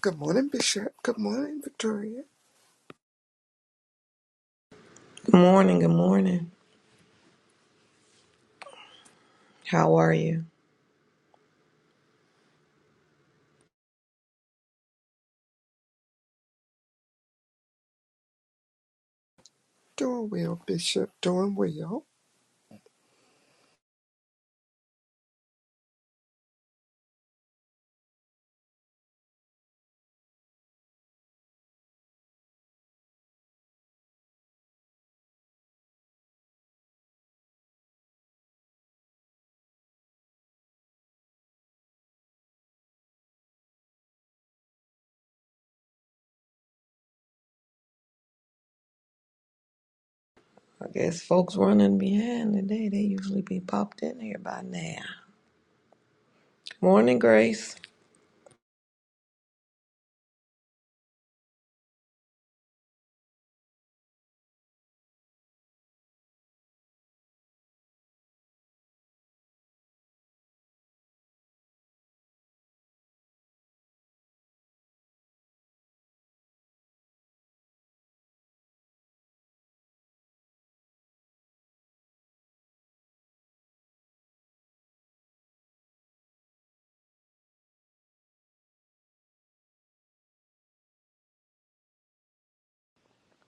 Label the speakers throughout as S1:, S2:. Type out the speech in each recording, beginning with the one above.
S1: Good morning, Bishop. Good morning, Victoria.
S2: Good morning, good morning. How are you?
S1: Doing well, Bishop. Doing well.
S2: I guess folks running behind today, they usually be popped in here by now. Morning, Grace.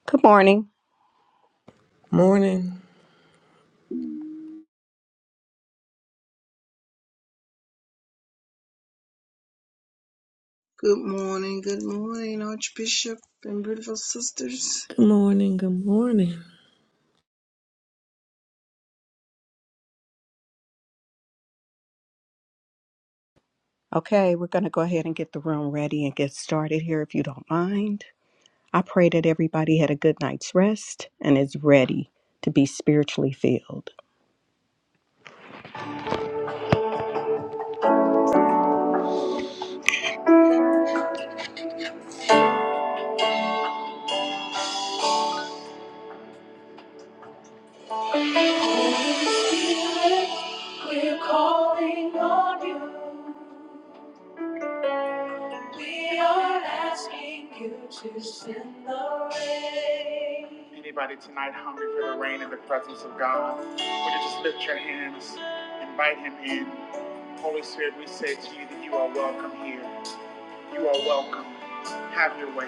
S3: Good morning.
S2: Morning.
S4: Good morning, good morning, Archbishop and beautiful sisters.
S2: Good morning, good morning.
S3: Okay, we're going to go ahead and get the room ready and get started here if you don't mind. I pray that everybody had a good night's rest and is ready to be spiritually filled. We're calling on you. We are asking you to send the rain. Anybody tonight hungry for the rain in the presence of God? Would you just lift your hands, invite Him in? Holy Spirit, we say to you that you are welcome here. You are welcome. Have your way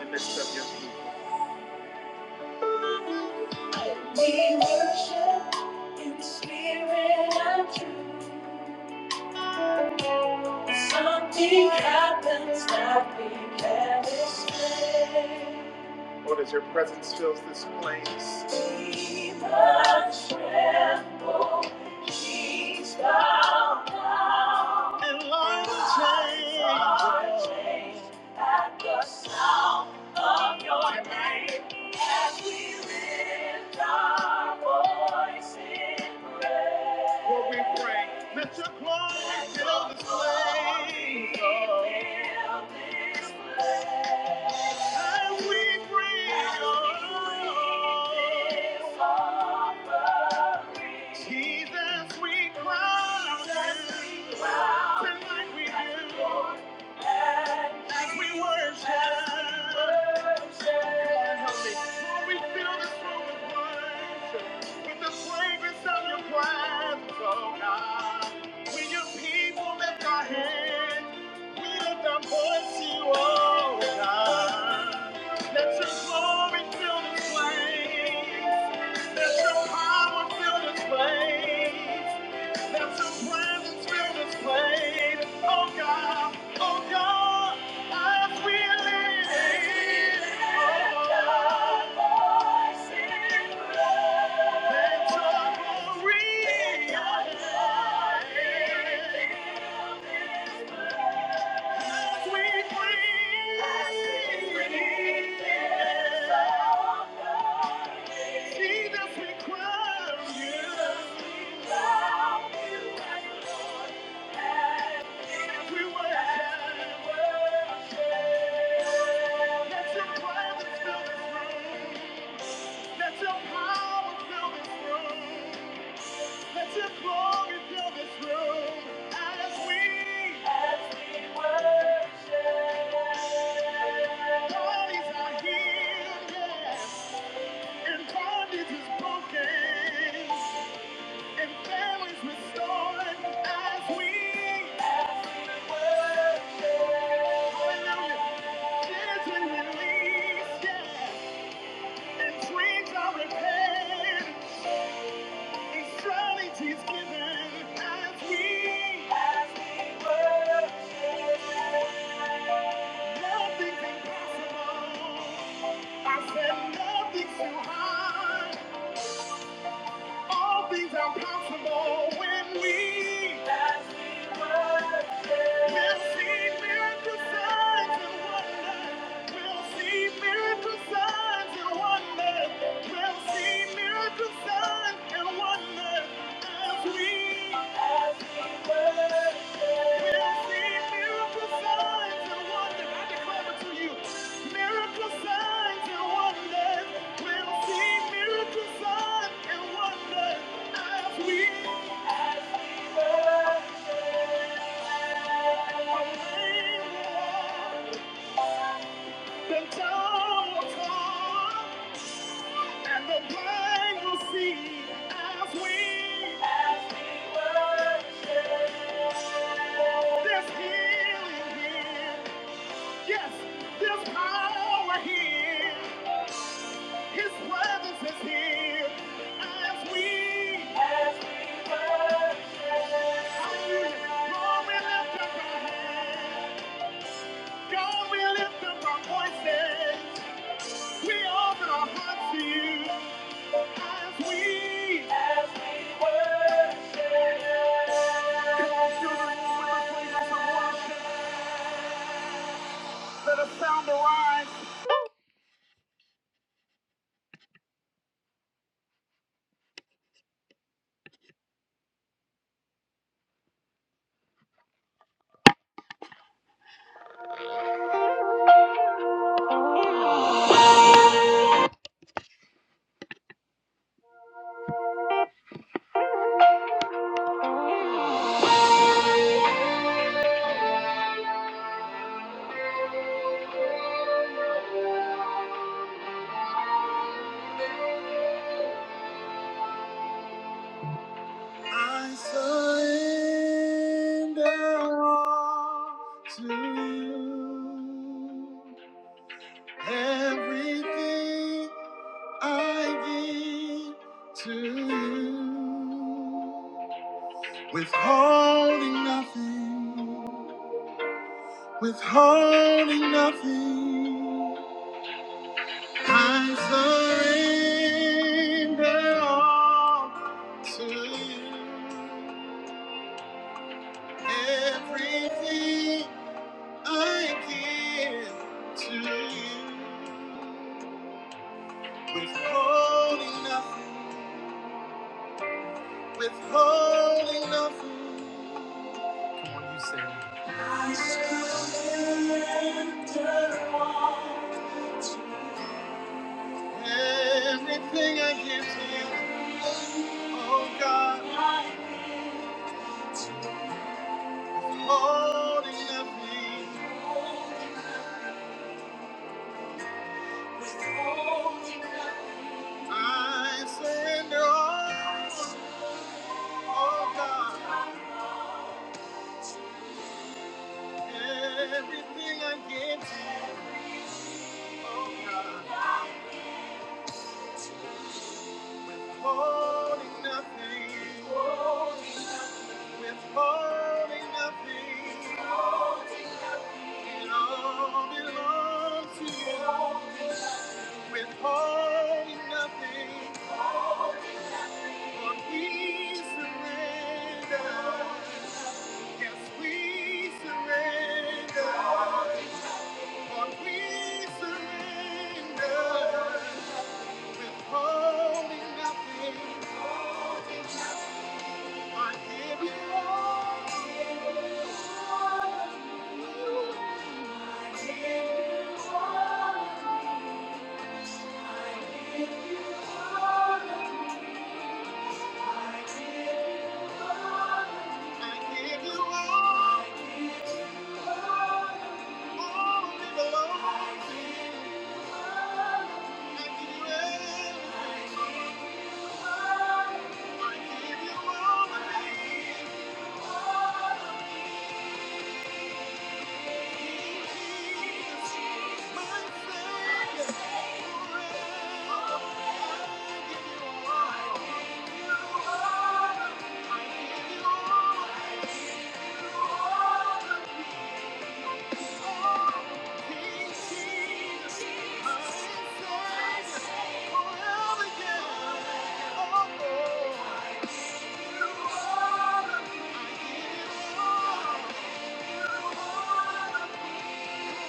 S3: in the midst of your people. We worship in the spirit and truth. Something happens that we can't explain. Lord, as your presence fills this place. Jesus tremble, knees bow down. And lions And lions change. At the sound of your name. As we lift our voice in praise. Lord, we pray, let your glory fill this place. Let your glory fill this place. Jesus, we cry. Tonight we do. As we worship. Lord, we fill this room with worship, with the fragrance of your presence, oh God. We lift our hands, we lift our voice oh God. Let your glory fill this place, let your power fill this place. That your presence will display. Oh God, oh God, as we live. Oh God, let your glory as we breathe. Jesus, we crown you. as Lord. We worship, Let your presence fill this room. Let your power fill this room. Let your glory fill this room. As we, as we worship. Bodies are healed, yes. And bondage is broken. And families restored. As we, Nothing's impossible. I said nothing's too hard. All things are possible when we As we worship. We'll see miracle signs and wonders. We'll see miracle signs and wonders. We'll see miracle signs and wonders as we as. we Thank you. The dawn will come, and the blind will see as we- As we worship. There's healing here. Yes, there's power here. His presence is here. As we- As we worship. Hallelujah. Lord, we lift up our hands. God, we lift up our voices. We open our hearts to you as we come to the room with the fragrance of worship. Let a sound arise. I surrender all to you. Everything I give to you. Withholding nothing. Withholding nothing, I surrender all to you. Everything I give to you. Withholding nothing, withholding nothing. Come on, you say it. Surrender Everything I give to you, oh God. holding nothing. I surrender all, oh God, everything I give to you, oh God, holding nothing, withholding nothing, it all belongs to you, withholding nothing, for He surrendered. Yes, we surrender. Yes, we surrender. Withholding nothing. I give you all. I give you all. All it belongs to I give you everything. I give you all of me. Oh Thank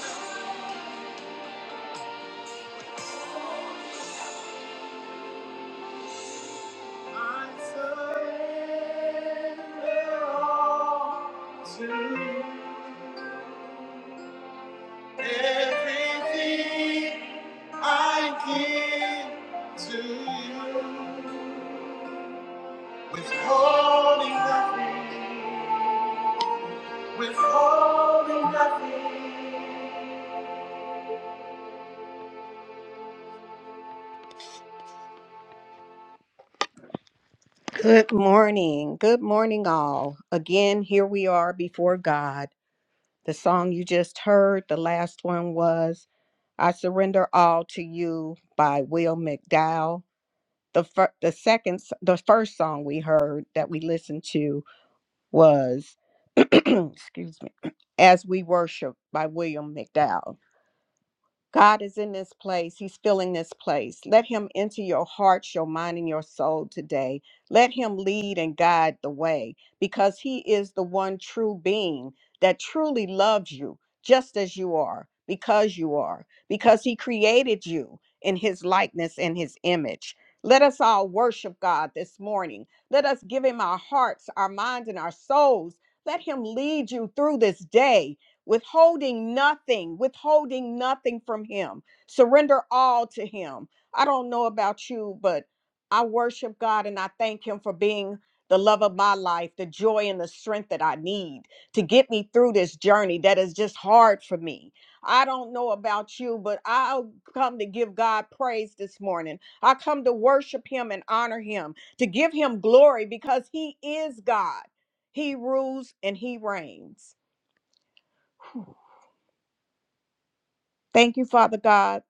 S3: you. Good morning. Good morning, all. Again, here we are before God. The song you just heard, the last one was I Surrender All to You by Will McDowell. the fir- the second s- the first song we heard that we listened to was excuse me as we worship by william mcdowell God is in this place. He's filling this place. Let him enter your heart, your mind, and your soul today. Let him lead and guide the way because he is the one true being that truly loves you just as you are, because you are, because he created you in his likeness and his image. Let us all worship God this morning. Let us give him our hearts, our minds, and our souls. Let him lead you through this day withholding nothing, withholding nothing from Him. Surrender all to Him. I don't know about you, but I worship God and I thank Him for being the love of my life, the joy and the strength that I need to get me through this journey that is just hard for me. I don't know about you, but I'll come to give God praise this morning. I come to worship Him and honor Him, to give Him glory because He is God. He rules and He reigns. Whew. Thank you, Father God,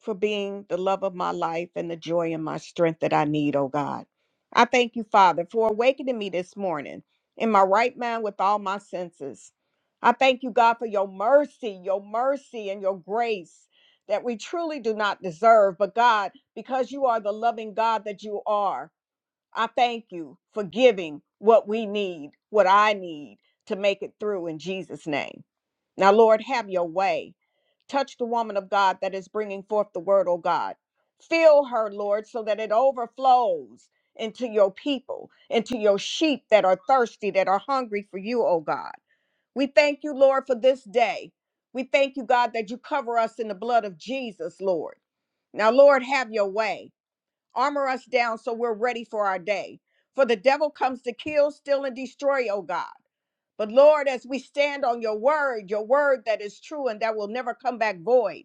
S3: for being the love of my life and the joy and my strength that I need, oh God. I thank you, Father, for awakening me this morning in my right mind with all my senses. I thank you, God, for your mercy, your mercy, and your grace that we truly do not deserve. But God, because you are the loving God that you are, I thank you for giving what we need, what I need to make it through in Jesus' name. Now, Lord, have your way. Touch the woman of God that is bringing forth the word, oh God. Fill her, Lord, so that it overflows into your people, into your sheep that are thirsty, that are hungry for you, oh God. We thank you, Lord, for this day. We thank you, God, that you cover us in the blood of Jesus, Lord. Now, Lord, have your way. Armor us down so we're ready for our day. For the devil comes to kill, steal, and destroy, oh God. But Lord, as we stand on your word, your word that is true and that will never come back void,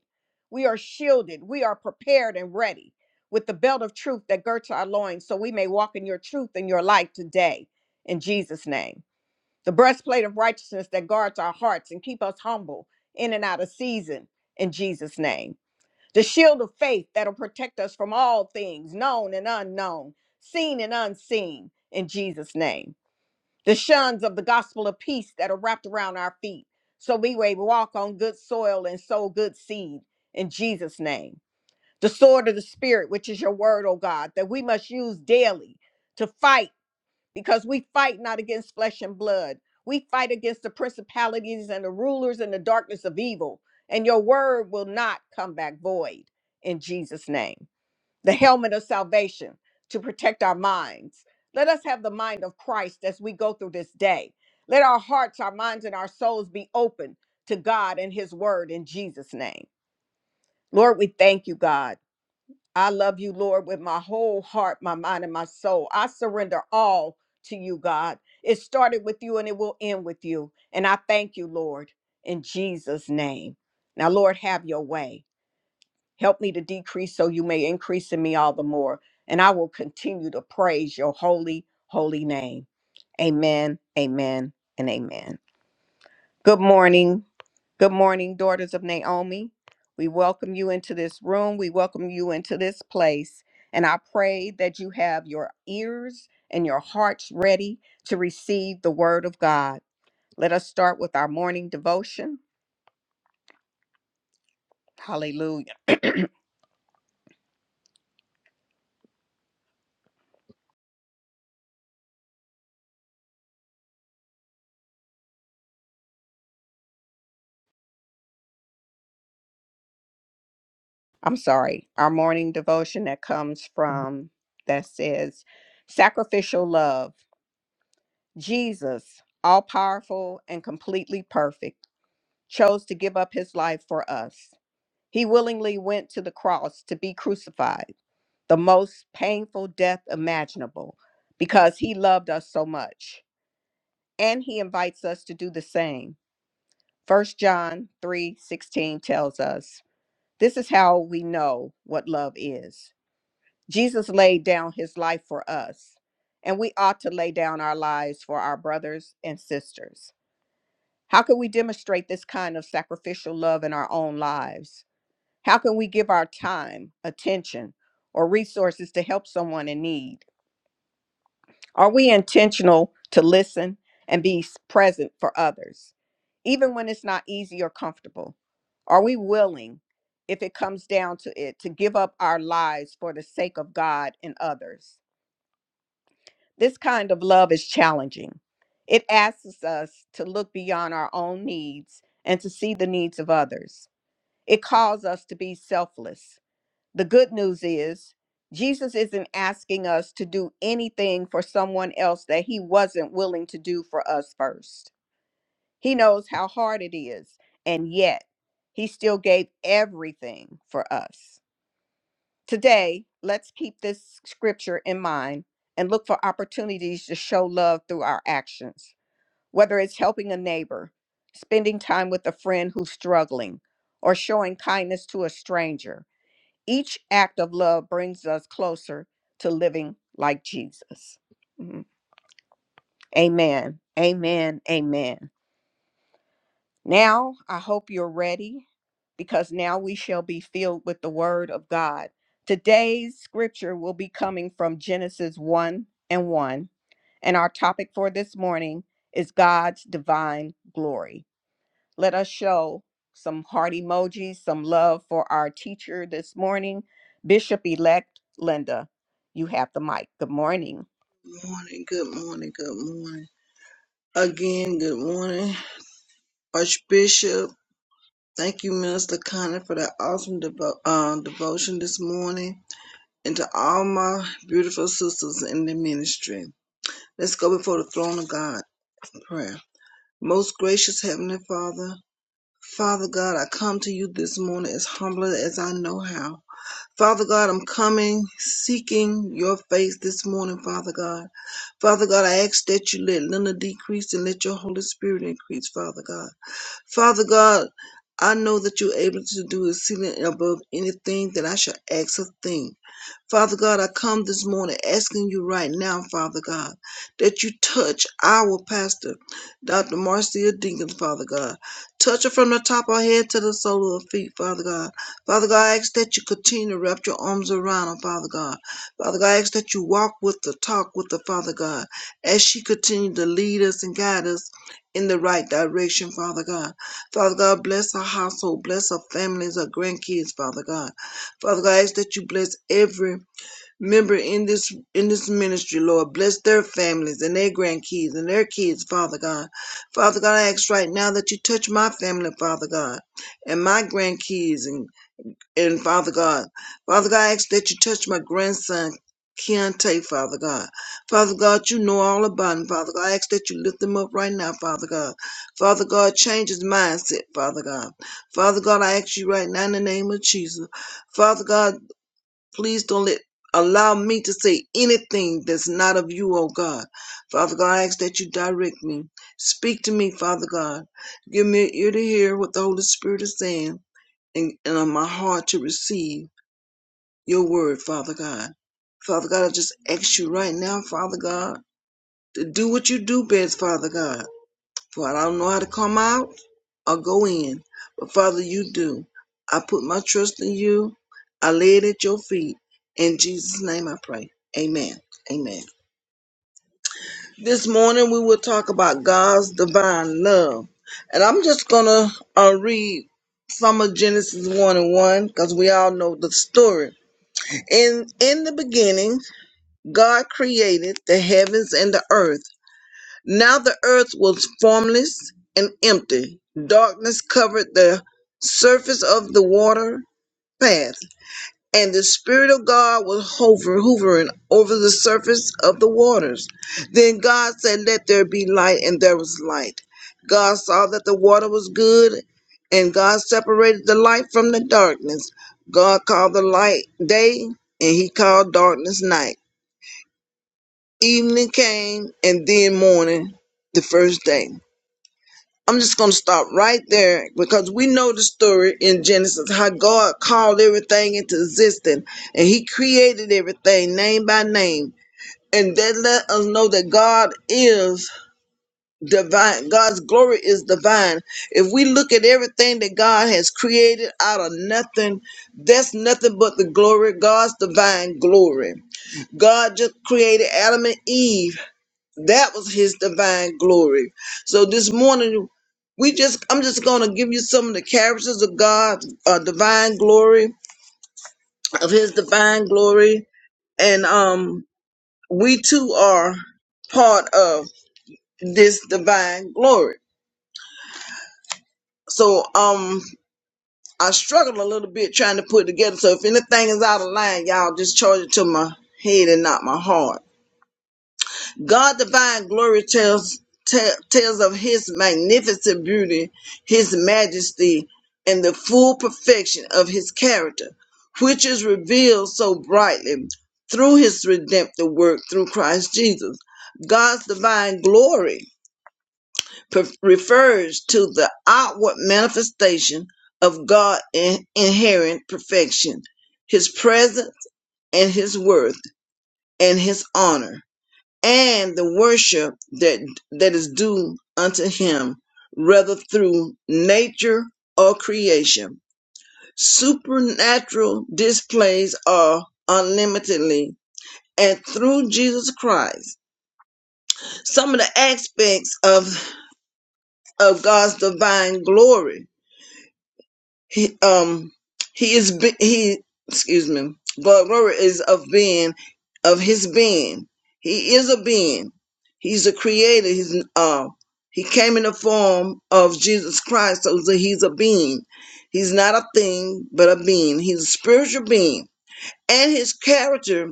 S3: we are shielded, we are prepared and ready with the belt of truth that girds our loins so we may walk in your truth and your light today in Jesus' name. The breastplate of righteousness that guards our hearts and keep us humble in and out of season in Jesus' name. The shield of faith that'll protect us from all things known and unknown, seen and unseen in Jesus' name the shuns of the gospel of peace that are wrapped around our feet, so we may walk on good soil and sow good seed in Jesus' name. The sword of the Spirit, which is your word, O God, that we must use daily to fight, because we fight not against flesh and blood. We fight against the principalities and the rulers in the darkness of evil, and your word will not come back void in Jesus' name the helmet of salvation to protect our minds. Let us have the mind of Christ as we go through this day. Let our hearts, our minds, and our souls be open to God and His word in Jesus' name. Lord, we thank you, God. I love you, Lord, with my whole heart, my mind, and my soul. I surrender all to you, God. It started with you and it will end with you. And I thank you, Lord, in Jesus' name. Now, Lord, have your way. Help me to decrease so you may increase in me all the more. And I will continue to praise your holy, holy name. Amen, amen, and amen. Good morning. Good morning, daughters of Naomi. We welcome you into this room. We welcome you into this place. And I pray that you have your ears and your hearts ready to receive the word of God. Let us start with our morning devotion. Hallelujah. I'm sorry, our morning devotion that comes from that says sacrificial love. Jesus, all powerful and completely perfect, chose to give up his life for us. He willingly went to the cross to be crucified, the most painful death imaginable, because he loved us so much. And he invites us to do the same. First John 3 16 tells us this is how we know what love is. Jesus laid down his life for us, and we ought to lay down our lives for our brothers and sisters. How can we demonstrate this kind of sacrificial love in our own lives? How can we give our time, attention, or resources to help someone in need? Are we intentional to listen and be s- present for others, even when it's not easy or comfortable? Are we willing, if it comes down to it, to give up our lives for the sake of God and others? This kind of love is challenging. It asks us to look beyond our own needs and to see the needs of others. It calls us to be selfless. The good news is, Jesus isn't asking us to do anything for someone else that he wasn't willing to do for us first. He knows how hard it is, and yet he still gave everything for us. Today, let's keep this scripture in mind and look for opportunities to show love through our actions, whether it's helping a neighbor, spending time with a friend who's struggling, or showing kindness to a stranger. Each act of love brings us closer to living like Jesus. Mhm. Amen. Amen. Amen. Now, I hope you're ready because now we shall be filled with the word of God. Today's scripture will be coming from Genesis 1 and 1, and our topic for this morning is God's divine glory. Let us show some heart emojis, some love for our teacher this morning, Bishop elect Linda. You have the mic. Good morning.
S4: Good morning, good morning, good morning. Again, good morning, Archbishop. Thank you, Minister Connor, for that awesome devo- uh, devotion this morning, and to all my beautiful sisters in the ministry. Let's go before the throne of God in prayer. Most gracious Heavenly Father, Father God, I come to you this morning as humbly as I know how. Father God, I'm coming seeking your face this morning, Father God. Father God, I ask that you let Linda decrease and let your Holy Spirit increase, Father God. Father God, I know that you're able to do exceeding and above anything that I shall ask or think. Father God, I come this morning asking you right now, Father God, that you touch our pastor, Dr. Marcia Dinkins, Father God. Touch her from the top of her head to the sole of her feet, Father God. Father God, I ask that you continue to wrap your arms around her, Father God. Father God, I ask that you walk with her, talk with her, Father God, as she continues to lead us and guide us in the right direction, Father God. Father God, bless our household, bless our families, our grandkids, Father God. Father God, I ask that you bless every member in this in this ministry, Lord. Bless their families and their grandkids and their kids, Father God. Father God, I ask right now that you touch my family, Father God, and my grandkids and. And Father God, Father God, I ask that you touch my grandson, Keontae, Father God. Father God, you know all about him, Father God. I ask that you lift him up right now, Father God. Father God, change his mindset, Father God. Father God, I ask you right now in the name of Jesus. Father God, please don't let allow me to say anything that's not of you, oh God. Father God, I ask that you direct me. Speak to me, Father God. Give me an ear to hear what the Holy Spirit is saying and, and on my heart to receive your word, Father God. Father God, I just ask you right now, Father God, to do what you do best, Father God. For I don't know how to come out or go in, but Father, you do. I put my trust in you. I lay it at your feet. In Jesus' name I pray. Amen. Amen. This morning we will talk about God's divine love. And I'm just going to uh, read some of Genesis 1 and 1 because we all know the story In in the beginning, God created the heavens and the earth. Now the earth was formless and empty. Darkness covered the surface of the water path, and the Spirit of God was hover, hovering over the surface of the waters. Then God said, Let there be light, and there was light. God saw that the water was good, and God separated the light from the darkness. God called the light day, and he called darkness night. Evening came, and then morning, the first day. I'm just going to stop right there because we know the story in Genesis how God called everything into existence and He created everything name by name. And that let us know that God is divine. God's glory is divine. If we look at everything that God has created out of nothing, that's nothing but the glory, God's divine glory. God just created Adam and Eve that was his divine glory. So this morning, we just I'm just gonna give you some of the characters of God's uh, divine glory, of His divine glory, and um, we too are part of this divine glory. So um, I struggled a little bit trying to put it together. So if anything is out of line, y'all just charge it to my head and not my heart. God divine glory tells te- tells of his magnificent beauty, his majesty, and the full perfection of his character, which is revealed so brightly through his redemptive work through Christ Jesus. God's divine glory pre- refers to the outward manifestation of God in inherent perfection, his presence and his worth and his honor and the worship that that is due unto him whether through nature or creation supernatural displays are unlimitedly and through jesus christ some of the aspects of of god's divine glory He um he is be- he excuse me, but glory is of being of his being. He is a being. He's a creator. He's uh he came in the form of Jesus Christ, so he's a he's a being. He's not a thing, but a being. He's a spiritual being. And his character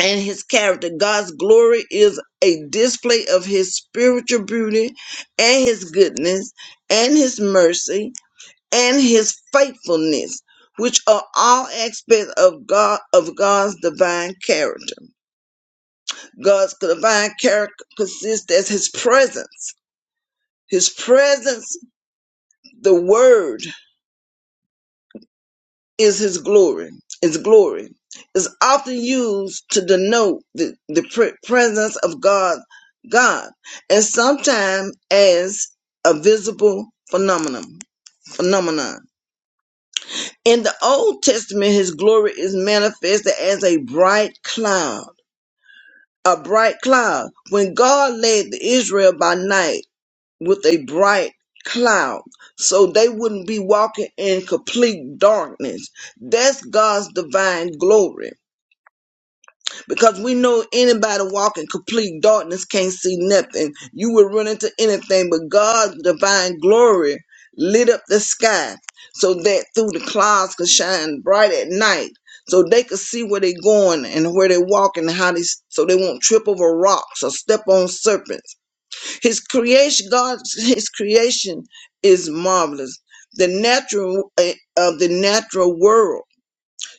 S4: and his character, God's glory is a display of his spiritual beauty and his goodness and his mercy and his faithfulness, which are all aspects of God of God's divine character. God's divine character consists as his presence. His presence, the word, is his glory. His glory is often used to denote the, the pre- presence of God, God, and sometimes as a visible phenomenon. Phenomenon. In the Old Testament, his glory is manifested as a bright cloud. A bright cloud. When God led Israel by night with a bright cloud, so they wouldn't be walking in complete darkness. That's God's divine glory because we know anybody walking complete darkness can't see nothing. You will run into anything, but God's divine glory lit up the sky so that through the clouds could shine bright at night, so they could see where they're going and where they're walking, and how they so they won't trip over rocks or step on serpents. His creation, God's His creation is marvelous. The natural eh, of the natural world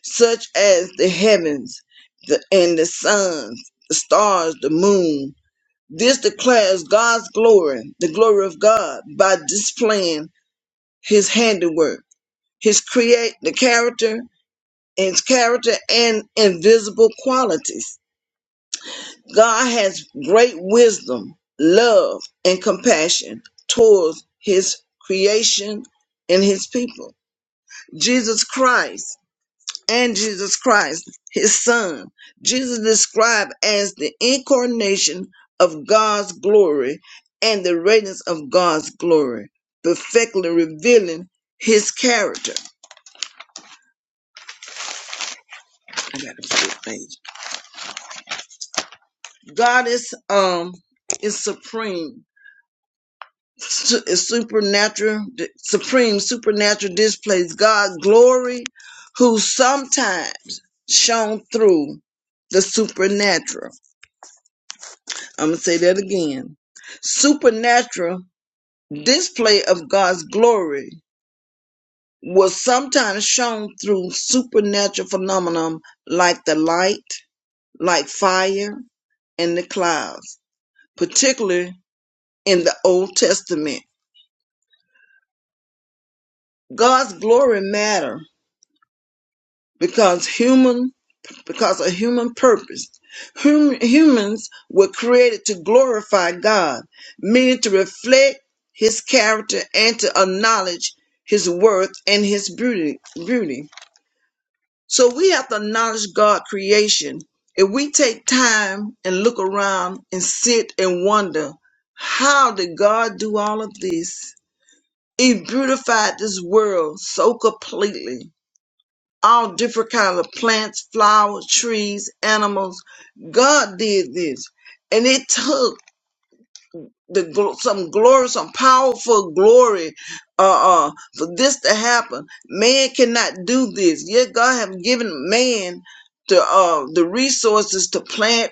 S4: such as the heavens the, and the suns, the stars, the moon. This declares God's glory, the glory of God, by displaying his handiwork, his create the character, his character and invisible qualities. God has great wisdom, love, and compassion towards his creation and his people. Jesus Christ and Jesus Christ, his son. Jesus described as the incarnation of God's glory and the radiance of God's glory, perfectly revealing his character. I got a flip page. God is um is supreme. su- Is supernatural, supreme supernatural displays God's glory, who sometimes shone through the supernatural. I'm going to say that again. Supernatural display of God's glory was sometimes shown through supernatural phenomena like the light, like fire, and the clouds, particularly in the Old Testament. God's glory matter because human because of human purpose. Hum, humans were created to glorify God, meaning to reflect his character and to acknowledge his worth and his beauty beauty. So we have to acknowledge God creation. If we take time and look around and sit and wonder, how did God do all of this? He beautified this world so completely all different kinds of plants, flowers, trees, animals. God did this, and it took the gl- some glory, some powerful glory, uh, uh, for this to happen. Man cannot do this. Yet God have given man the uh the resources to plant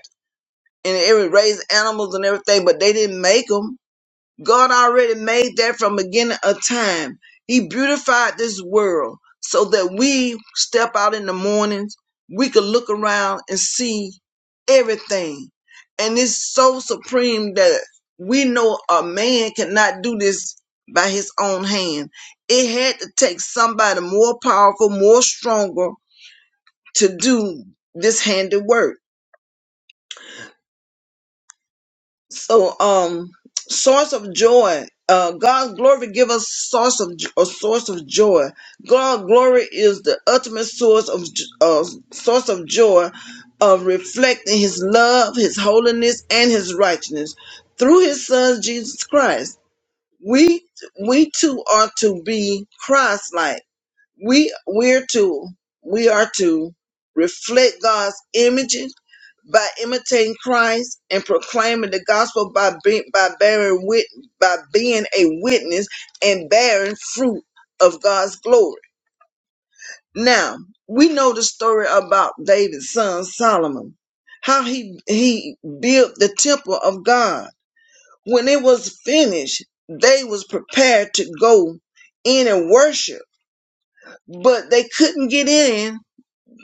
S4: and every raise animals and everything, but they didn't make make them. God already made that from beginning of time. He beautified this world so that we step out in the mornings, we could look around and see everything. And it's so supreme that we know a man cannot do this by his own hand. It had to take somebody more powerful, more stronger to do this handiwork so um source of joy uh god's glory give us source of a source of joy God's glory is the ultimate source of j- uh, source of joy of reflecting his love his holiness and his righteousness through his son jesus christ we we too are to be christ like we we're to we are to reflect god's image by imitating Christ and proclaiming the gospel by be, by bearing wit by being a witness and bearing fruit of God's glory. Now we know the story about David's son Solomon, how he he built the temple of God. When it was finished, they was prepared to go in and worship, but they couldn't get in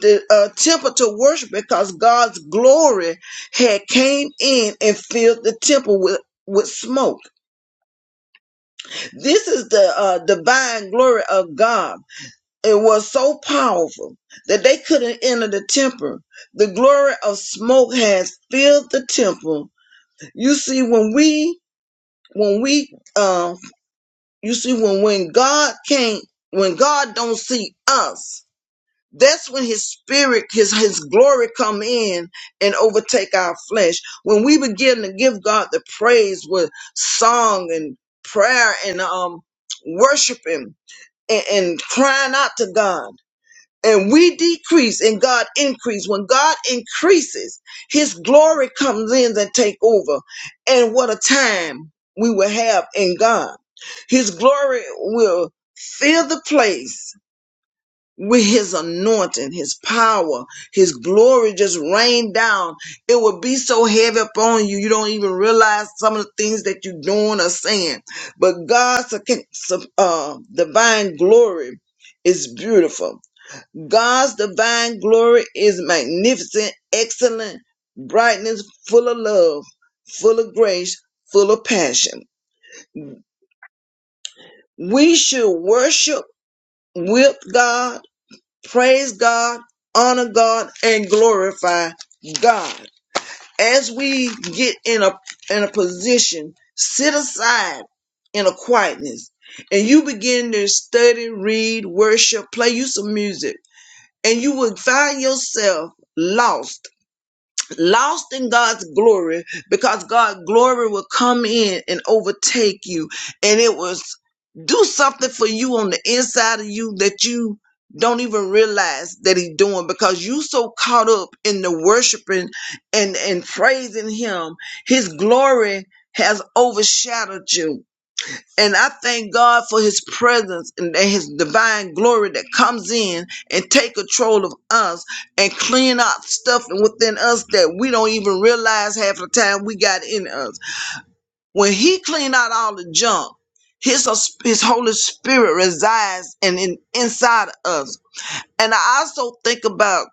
S4: the uh, temple to worship because God's glory had came in and filled the temple with with smoke. This is the uh, divine glory of God. It was so powerful that they couldn't enter the temple. The glory of smoke has filled the temple. You see, when we when we uh, you see when when God can't when God don't see us That's when his spirit, his, his glory come in and overtake our flesh. When we begin to give God the praise with song and prayer and um worshiping and, and crying out to God. And we decrease and God increase. When God increases, his glory comes in and take over. And what a time we will have in God. His glory will fill the place with his anointing, his power, his glory just rained down. It would be so heavy upon you, you don't even realize some of the things that you're doing or saying. But God's uh, divine glory is beautiful. God's divine glory is magnificent, excellent, brightness, full of love, full of grace, full of passion. We should worship with God praise God, honor God, and glorify God. As we get in a in a position, sit aside in a quietness, and you begin to study, read, worship, play you some music, and you will find yourself lost lost in God's glory because God's glory will come in and overtake you and it was do something for you on the inside of you that you don't even realize that he's doing because you so caught up in the worshiping and and praising him his glory has overshadowed you and I thank God for his presence and that his divine glory that comes in and take control of us and clean out stuff within us that we don't even realize half the time we got in us. When he cleaned out all the junk, his, his Holy Spirit resides and in, inside of us. And I also think about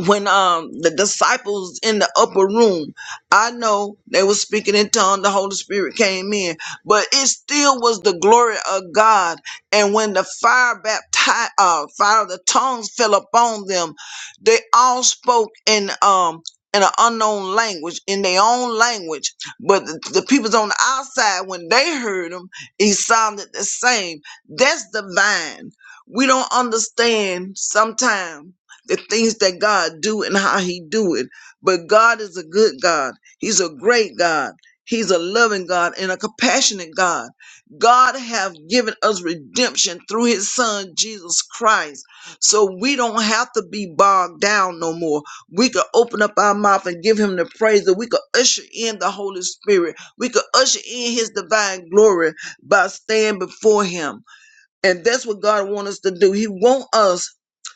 S4: when um the disciples in the upper room i know they were speaking in tongues. the holy spirit came in but it still was the glory of god and when the fire baptized uh fire of the tongues fell upon them they all spoke in um in an unknown language, in their own language, but the, the peoples on the outside, when they heard him, he sounded the same. That's divine. We don't understand sometimes the things that God do and how he do it. But God is a good God. He's a great God. He's a loving God and a compassionate God. God have given us redemption through his son Jesus Christ. So we don't have to be bogged down no more. We could open up our mouth and give him the praise that we could usher in the Holy Spirit. We could usher in his divine glory by staying before him. And that's what God wants us to do. He wants us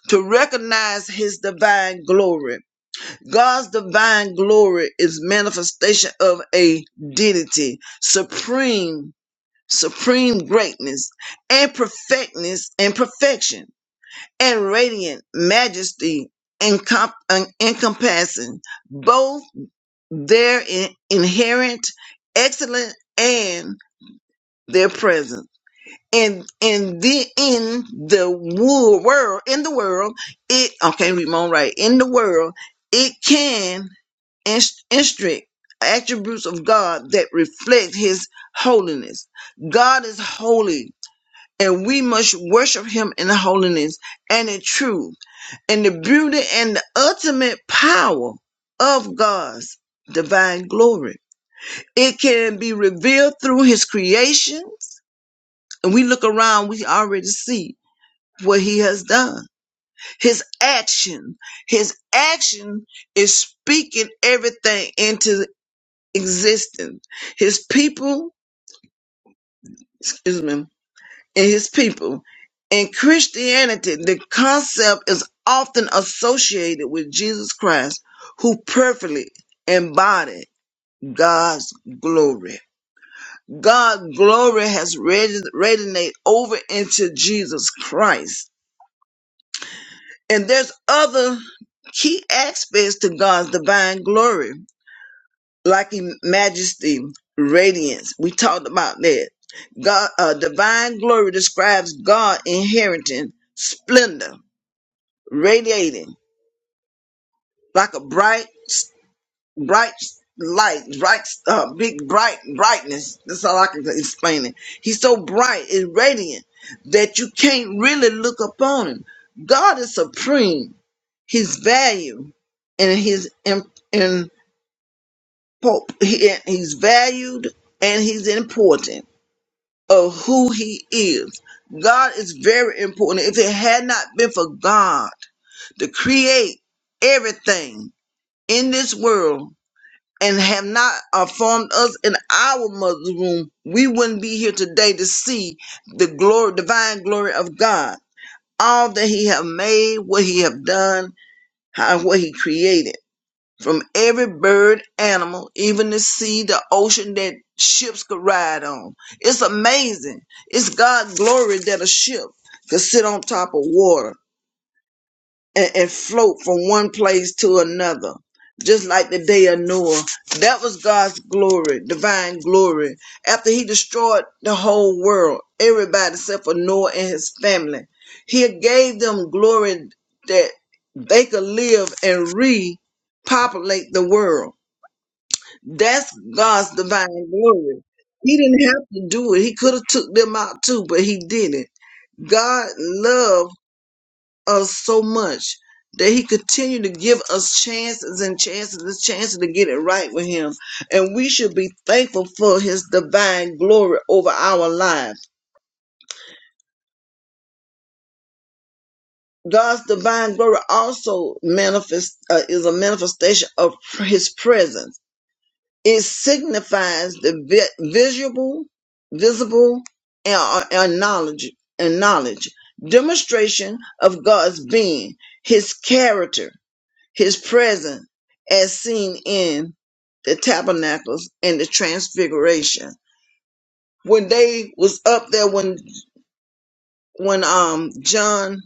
S4: to recognize his divine glory. God's divine glory is manifestation of a deity, supreme, supreme greatness, and perfectness and perfection, and radiant majesty encom- en- encompassing both their in- inherent excellence and their presence and and then in the wo- world in the world it I can't read my own right in the world it can inst- instruct attributes of God that reflect His holiness. God is holy, and we must worship Him in holiness and in truth, and the beauty and the ultimate power of God's divine glory. It can be revealed through His creations, and we look around, we already see what he has done. His action, his action is speaking everything into existence. His people, excuse me, and his people. In Christianity, the concept is often associated with Jesus Christ, who perfectly embodied God's glory. God's glory has resonated over into Jesus Christ And there's other key aspects to God's divine glory, like in majesty, radiance. We talked about that. God, uh, divine glory describes God inheriting splendor, radiating like a bright, bright light, bright, uh, big bright brightness. That's all I can explain it. He's so bright, it's radiant that you can't really look upon him. God is supreme. He's valued and he's imp- impo- he- he's valued and he's important of who he is. God is very important. If it had not been for God to create everything in this world and have not uh, formed us in our mother's womb, we wouldn't be here today to see the glory, divine glory of God. All that He have made, what He have done, how what He created. from every bird, animal, even the sea, the ocean that ships could ride on. It's amazing. It's God's glory that a ship could sit on top of water and, and float from one place to another. Just like the day of Noah. That was God's glory, divine glory. After he destroyed the whole world, everybody except for Noah and his family, he gave them glory that they could live and repopulate the world that's God's divine glory. He didn't have to do it. He could have took them out too, but he didn't. God loved us so much that he continued to give us chances and chances and chances to get it right with him. And we should be thankful for his divine glory over our lives. God's divine glory also manifest uh, is a manifestation of his presence It signifies the vi- visual, visible, and, uh, and knowledge and knowledge demonstration of God's being, His character, His presence, as seen in the tabernacles and the transfiguration. When they was up there, when when um John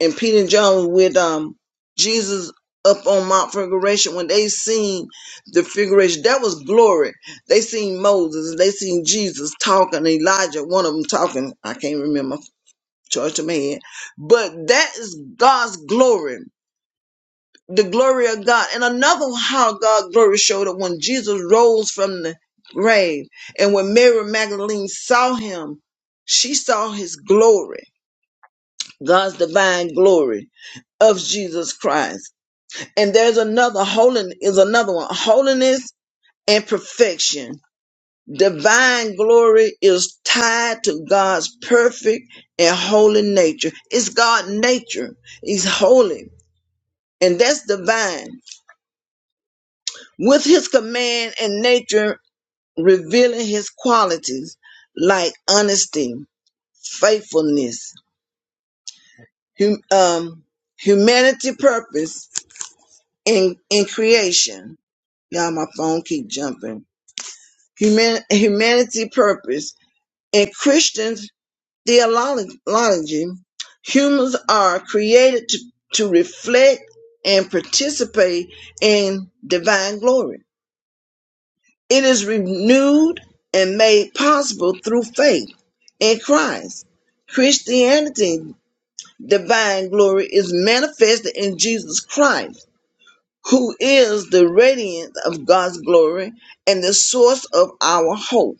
S4: and Peter and John with um Jesus up on Mount Figuration when they seen the figuration that was glory. They seen Moses, they seen Jesus talking, Elijah, one of them talking. I can't remember charge of my head. But that is God's glory. The glory of God. And another how God glory showed up when Jesus rose from the grave. And when Mary Magdalene saw him, she saw his glory, God's divine glory of Jesus Christ. And there's another holiness is another one. Holiness and perfection. Divine glory is tied to God's perfect and holy nature. It's God's nature. He's holy. And that's divine. With his command and nature revealing his qualities like honesty, faithfulness, hum, um, humanity purpose in, in creation. Y'all, my phone keep jumping. human, humanity purpose. In Christian theology, humans are created to, to reflect and participate in divine glory. It is renewed and made possible through faith in Christ. Christianity, divine glory, is manifested in Jesus Christ, who is the radiance of God's glory and the source of our hope.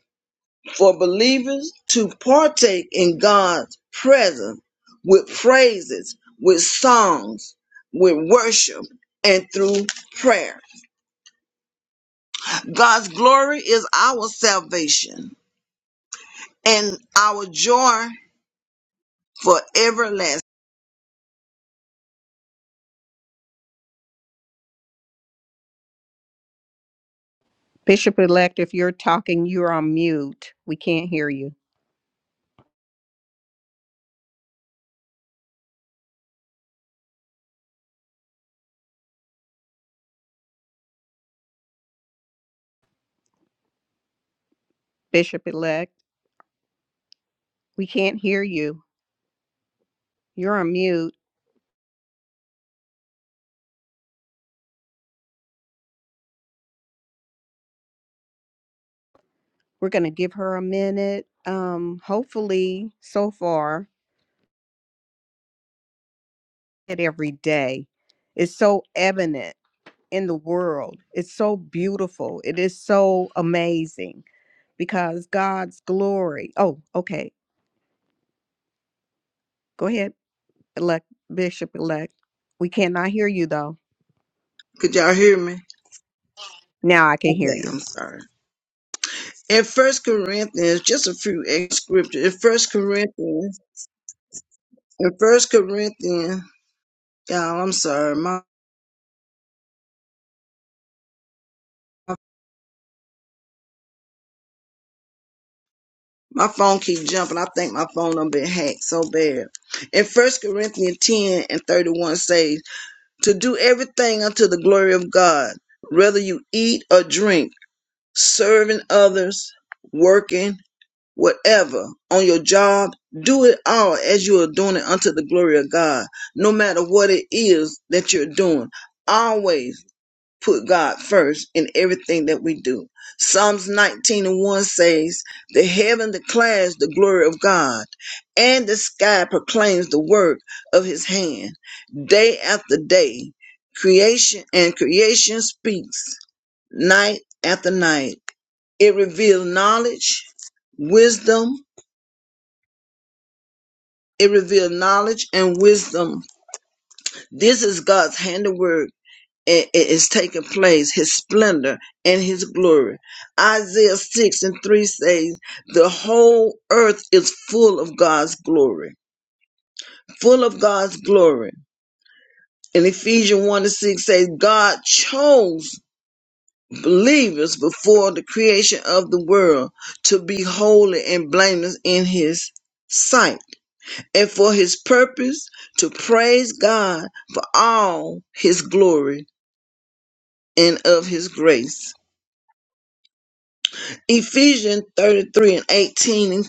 S4: for believers to partake in God's presence with praises, with songs, with worship, and through prayer. God's glory is our salvation and our joy for everlasting.
S3: Bishop elect, if you're talking, you're on mute. We can't hear you. Bishop elect, we can't hear you. You're on mute. We're going to give her a minute. Um, hopefully, so far, it every day is so evident in the world. It's so beautiful. It is so amazing because God's glory. Oh, okay. Go ahead, elect Bishop elect. We cannot hear you though.
S4: Could y'all hear me?
S3: Now I can hear
S4: Okay,
S3: you.
S4: I'm sorry. In First Corinthians, just a few extra scriptures. In First Corinthians, in First Corinthians, y'all, I'm sorry, my My phone keep jumping. I think my phone done been hacked so bad. In First Corinthians 10 and 31 says, To do everything unto the glory of God, whether you eat or drink, serving others, working, whatever, on your job, do it all as you are doing it unto the glory of God, no matter what it is that you're doing. Always put God first in everything that we do. Psalms 19 and 1 says, The heaven declares the glory of God, and the sky proclaims the work of his hand. Day after day, creation and creation speaks, night after night. It reveals knowledge, wisdom. It reveals knowledge and wisdom. This is God's handiwork it is taking place, his splendor and his glory. Isaiah 6 and 3 says, The whole earth is full of God's glory, full of God's glory. And Ephesians 1 and 6 says, God chose believers before the creation of the world to be holy and blameless in his sight and for his purpose to praise God for all his glory and of his grace. Ephesians 33 and 18, and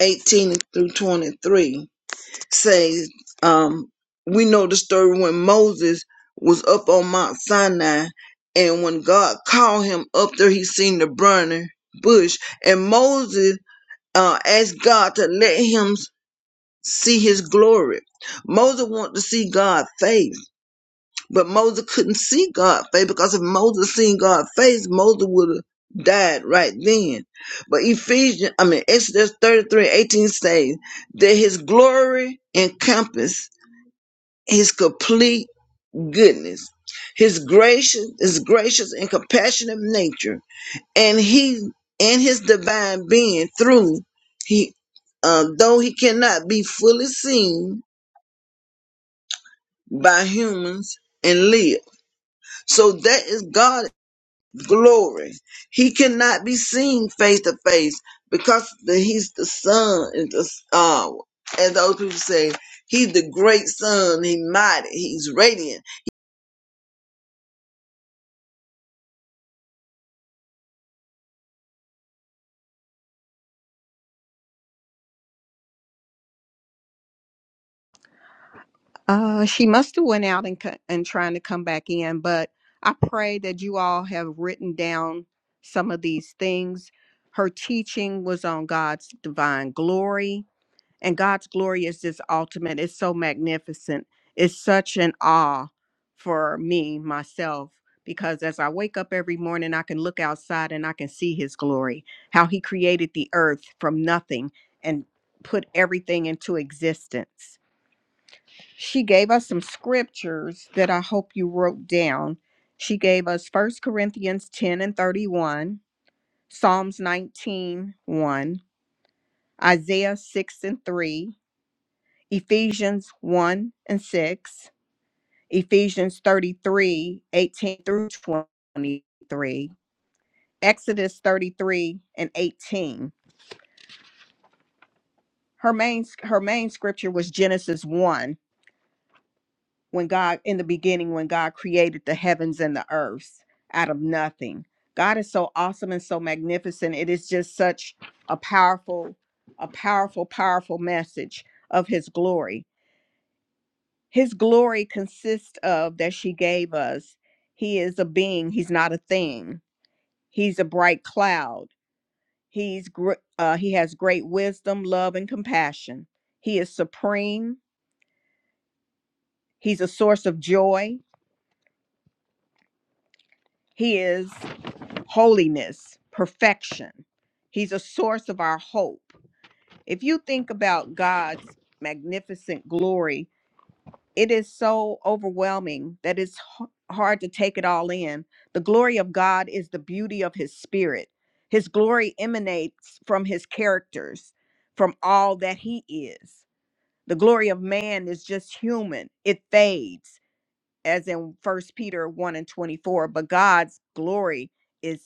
S4: 18 through 23 says, um, we know the story when Moses was up on Mount Sinai and when God called him up there, he seen the burning bush and Moses uh, asked God to let him see his glory. Moses wanted to see God's face but Moses couldn't see God's face because if Moses seen God's face, Moses would have died right then. But Ephesians, I mean, Exodus 33 18 says that his glory encompassed his complete goodness, his gracious, his gracious and compassionate nature, and he and his divine being through he uh, though he cannot be fully seen by humans and live. So that is God glory. He cannot be seen face to face because the, he's the son and the uh, as those people say, he's the great son. He mighty. He's radiant.
S3: Uh, she must have went out and co- and trying to come back in, but I pray that you all have written down some of these things. Her teaching was on God's divine glory. And God's glory is just ultimate. It's so magnificent. It's such an awe for me, myself, because as I wake up every morning, I can look outside and I can see His glory, how He created the earth from nothing and put everything into existence. She gave us some scriptures that I hope you wrote down. She gave us First Corinthians 10 and 31, Psalms nineteen one, Isaiah 6 and 3, Ephesians 1 and 6, Ephesians 33, 18 through 23, Exodus 33 and 18. Her main, her main scripture was Genesis 1, when God, in the beginning, when God created the heavens and the earth out of nothing. God is so awesome and so magnificent. It is just such a powerful, a powerful, powerful message of his glory His glory consists of that she gave us. He is a being, he's not a thing. He's a bright cloud. He's gr- uh, he has great wisdom, love and compassion. He is supreme. He's a source of joy. He is holiness, perfection. He's a source of our hope. If you think about God's magnificent glory, it is so overwhelming that it's h- hard to take it all in. The glory of God is the beauty of his spirit. His glory emanates from his characters, from all that he is. The glory of man is just human. It fades, as in First Peter 1 and 24, but God's glory is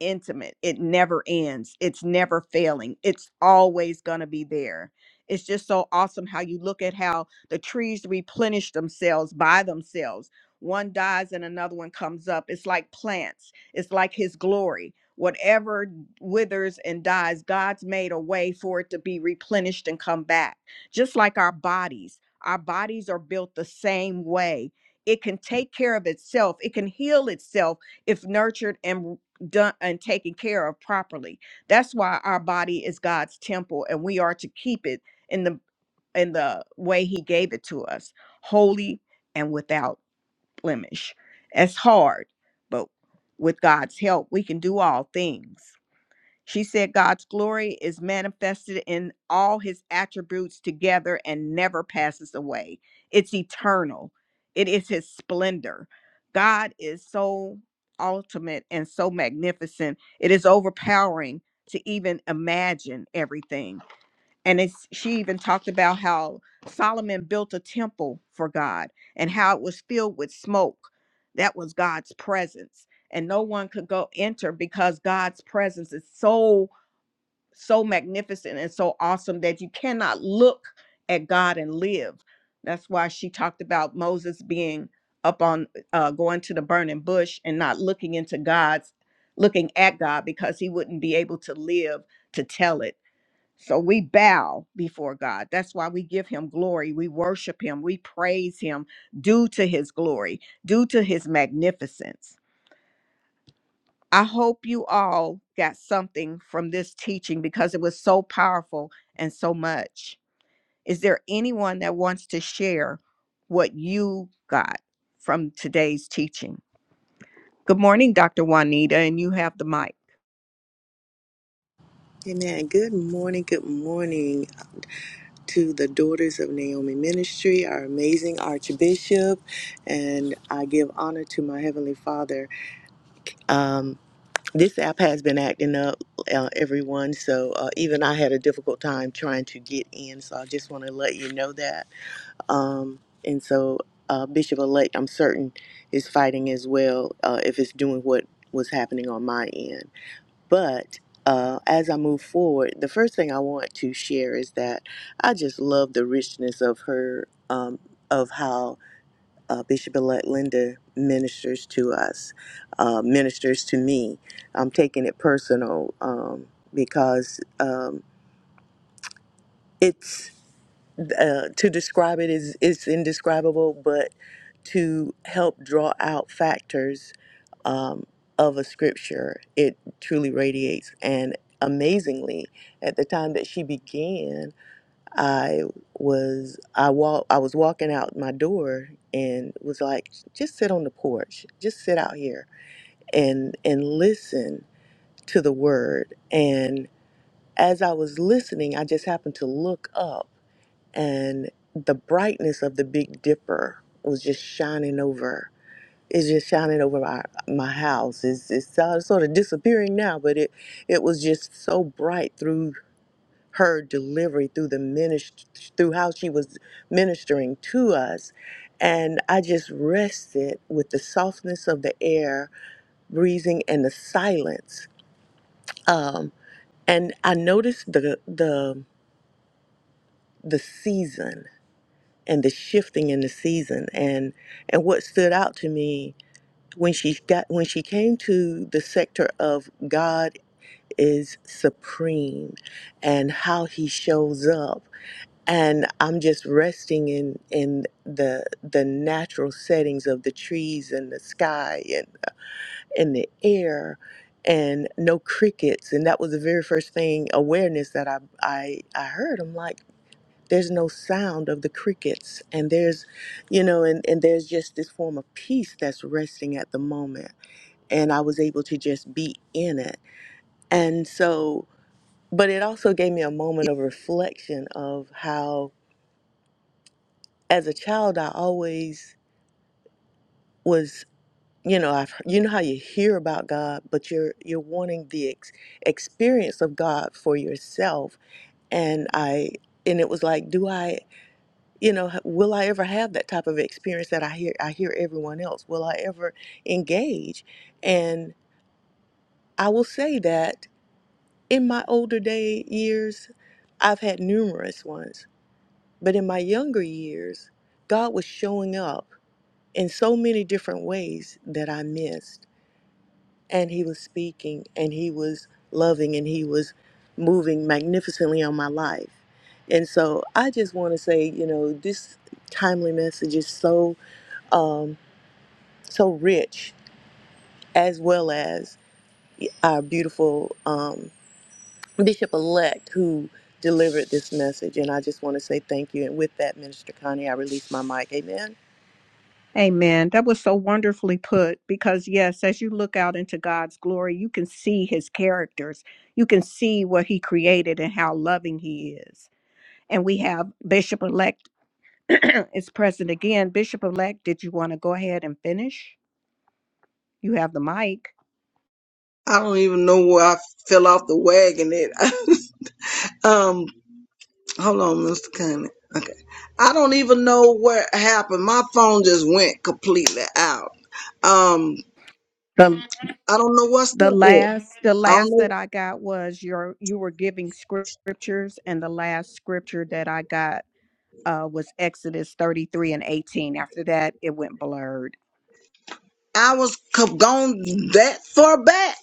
S3: intimate. It never ends. It's never failing. It's always going to be there. It's just so awesome how you look at how the trees replenish themselves by themselves. One dies and another one comes up. It's like plants, it's like his glory. Whatever withers and dies, God's made a way for it to be replenished and come back. Just like our bodies, our bodies are built the same way. It can take care of itself, it can heal itself if nurtured and done and taken care of properly. That's why our body is God's temple and we are to keep it in the in the way he gave it to us, holy and without blemish. It's hard, but with God's help, we can do all things. She said God's glory is manifested in all his attributes together and never passes away. It's eternal, it is his splendor. God is so ultimate and so magnificent, it is overpowering to even imagine everything. And it's, she even talked about how Solomon built a temple for God and how it was filled with smoke. That was God's presence. And no one could go enter because God's presence is so so magnificent and so awesome that you cannot look at God and live. That's why she talked about Moses being up on uh, going to the burning bush and not looking into God's, looking at God because he wouldn't be able to live to tell it. So we bow before God. That's why we give him glory. We worship him. We praise him due to his glory, due to his magnificence. I hope you all got something from this teaching because it was so powerful and so much. Is there anyone that wants to share what you got from today's teaching? Good morning, Dr. Juanita, and you have the mic.
S5: Amen. Good morning. Good morning to the Daughters of Naomi Ministry, our amazing Archbishop, and I give honor to my Heavenly Father. Um, this app has been acting up, uh, everyone, so uh, even I had a difficult time trying to get in, so I just want to let you know that. Um, and so, uh, Bishop elect, I'm certain, is fighting as well uh, if it's doing what was happening on my end. But uh, as I move forward, the first thing I want to share is that I just love the richness of her, um, of how uh, Bishop elect Linda ministers to us, uh, ministers to me. I'm taking it personal um, because um, it's uh, to describe it is it's indescribable, but to help draw out factors um, of a scripture, it truly radiates. And amazingly, at the time that she began, I was I walk I was walking out my door and was like, just sit on the porch, just sit out here and and listen to the word. And as I was listening, I just happened to look up and the brightness of the Big Dipper was just shining over. It's just shining over my, my house. It's, it's uh, sort of disappearing now, but it it was just so bright through her delivery, through the minist through how she was ministering to us, and I just rested with the softness of the air breathing and the silence. Um, and I noticed the the the season and the shifting in the season and and what stood out to me when she got when she came to the sector of God is supreme and how he shows up and I'm just resting in in the the natural settings of the trees and the sky and in the air and no crickets and that was the very first thing awareness that I I I heard I'm like there's no sound of the crickets and there's you know and, and there's just this form of peace that's resting at the moment and i was able to just be in it and so but it also gave me a moment of reflection of how as a child i always was you know i've you know how you hear about god but you're you're wanting the ex- experience of god for yourself and i and it was like do i you know h- will i ever have that type of experience that i hear i hear everyone else will i ever engage and i will say that in my older day years i've had numerous ones but in my younger years god was showing up in so many different ways that i missed and he was speaking and he was loving and he was moving magnificently on my life and so i just want to say you know this timely message is so um, so rich, as well as our beautiful um, Bishop elect who delivered this message. And I just want to say thank you. And with that, Minister Connie, I release my mic. Amen.
S3: Amen. That was so wonderfully put because, yes, as you look out into God's glory, you can see his characters. You can see what he created and how loving he is. And we have Bishop-elect is present again. Bishop-elect, did you want to go ahead and finish? You have the mic.
S4: I don't even know where I fell off the wagon. At um, hold on, Mr. Cunning. Okay, I don't even know what happened. My phone just went completely out. Um,
S3: The
S4: I don't know what's
S3: the
S4: up there.
S3: last the
S4: I don't
S3: last
S4: know.
S3: that I got was your you were giving scriptures and the last scripture that I got uh, was Exodus 33 and 18. After that, it went blurred.
S4: I was co- gone that far back.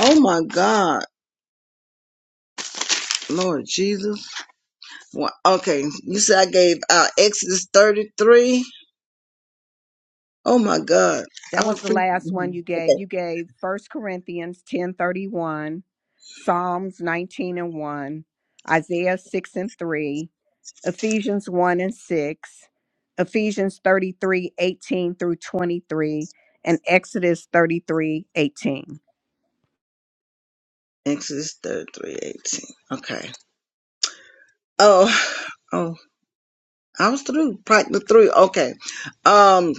S4: Oh my God. Lord Jesus. Wha- Okay, you said I gave out Exodus 33. Oh my God. I
S3: That was
S4: don't
S3: the
S4: pre-
S3: last one
S4: mhm.
S3: you gave.
S4: Okay.
S3: You gave First Corinthians 10:31, Psalms 19 and 1, Isaiah 6 and 3, Ephesians 1 and 6, Ephesians thirty three eighteen through 23, and Exodus thirty three eighteen.
S4: Exodus 33 18. Okay. Oh, oh, I was through. Part the three. Okay. Um,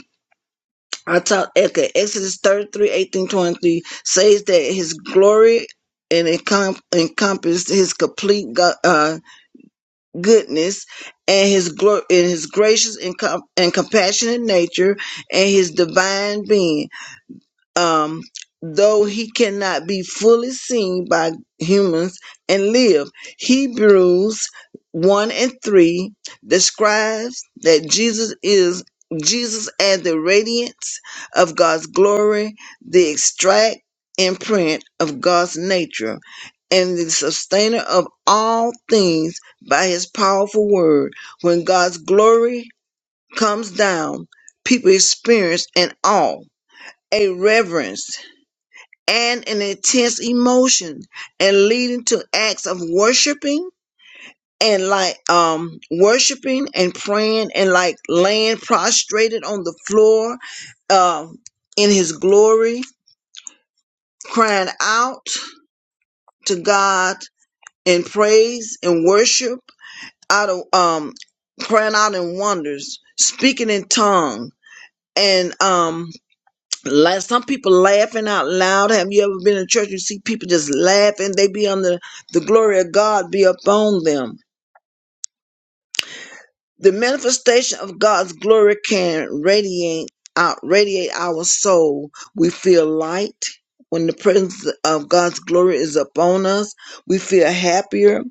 S4: I taught, okay, Exodus 33, eighteen, twenty says that his glory and encom- encompassed his complete God. goodness and his glo- and his gracious and, com- and compassionate nature and his divine being um, though he cannot be fully seen by humans and live. Hebrews 1 and 3 describes that Jesus is Jesus as the radiance of God's glory, the extract imprint of God's nature, and the sustainer of all things by his powerful word. When God's glory comes down, people experience an awe, a reverence and an intense emotion and leading to acts of worshiping and like um worshiping and praying and like laying prostrated on the floor uh, in his glory crying out to god in praise and worship out of um crying out in wonders speaking in tongue and um La some people laughing out loud. Have you ever been in church and see people just laughing? They be on the, the glory of God be upon them. The manifestation of God's glory can radiate out radiate our soul. We feel light when the presence of God's glory is upon us. We feel happier.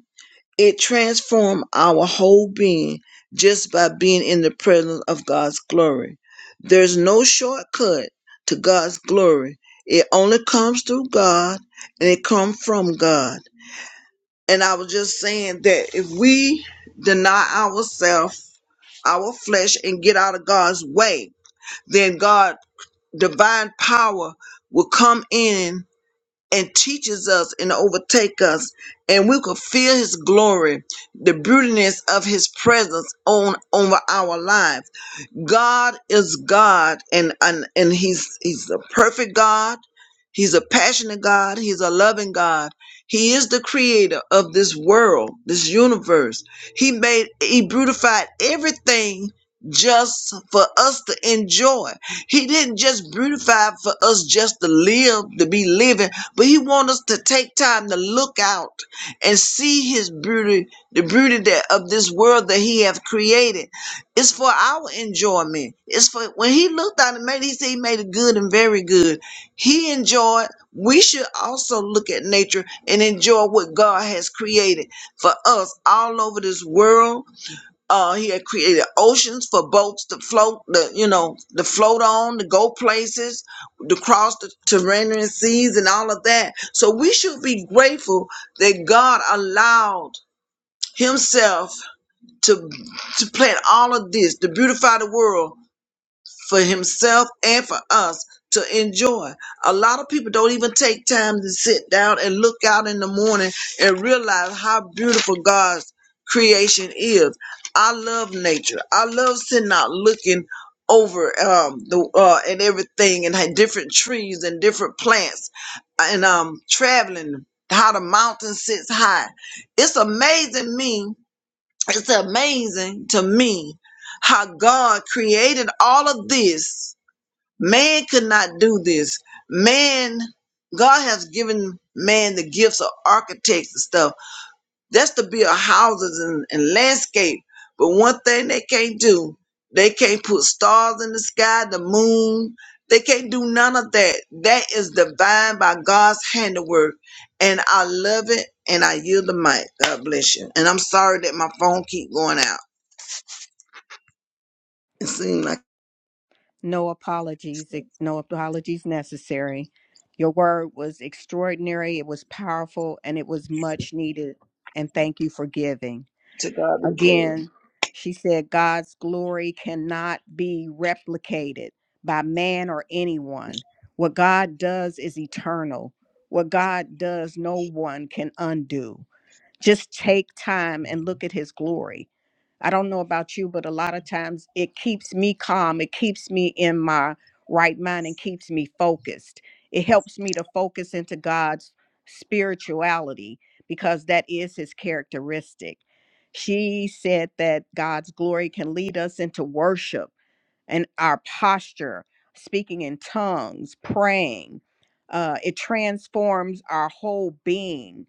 S4: It transformed our whole being just by being in the presence of God's glory. There's no shortcut to God's glory. It only comes through God and it comes from God. And I was just saying that if we deny ourselves, our flesh, and get out of God's way, then God, divine power will come in and teaches us and overtake us, and we could feel His glory, the beautiness of His presence on over our life. God is God and and, and he's he's a perfect God. He's a passionate God, he's a loving God. He is the creator of this world, this universe. He made he beautified everything just for us to enjoy. He didn't just beautify for us just to live, to be living, but he wants us to take time to look out and see his beauty, the beauty that of this world that he have created it's for our enjoyment. It's for when he looked at it, made he said he made it good and very good. He enjoyed. We should also look at nature and enjoy what God has created for us all over this world. Uh, he had created oceans for boats to float, the you know, to float on, to go places, to cross the terranean seas and all of that. So we should be grateful that God allowed Himself to to plan all of this to beautify the world for himself and for us to enjoy. A lot of people don't even take time to sit down and look out in the morning and realize how beautiful God's creation is. I love nature. I love sitting out looking over um the uh and everything and had different trees and different plants and um traveling how the mountain sits high. It's amazing me it's amazing to me how God created all of this. Man could not do this. Man, God has given man the gifts of architects and stuff. That's to build houses and, and landscape. But one thing they can't do, they can't put stars in the sky, the moon. They can't do none of that. That is divine by God's handiwork. And I love it and I yield the mic. God bless you. And I'm sorry that my phone keep going out. It seemed like
S3: No apologies, ex- no apologies necessary. Your word was extraordinary, it was powerful, and it was much needed. And thank you for giving.
S4: to God be the glory.
S3: Again, she said, God's glory cannot be replicated by man or anyone. What God does is eternal. What God does, no one can undo. Just take time and look at his glory. I don't know about you, but a lot of times it keeps me calm. It keeps me in my right mind and keeps me focused. It helps me to focus into God's spirituality because that is his characteristic. She said that God's glory can lead us into worship and our posture, speaking in tongues, praying. Uh, it transforms our whole being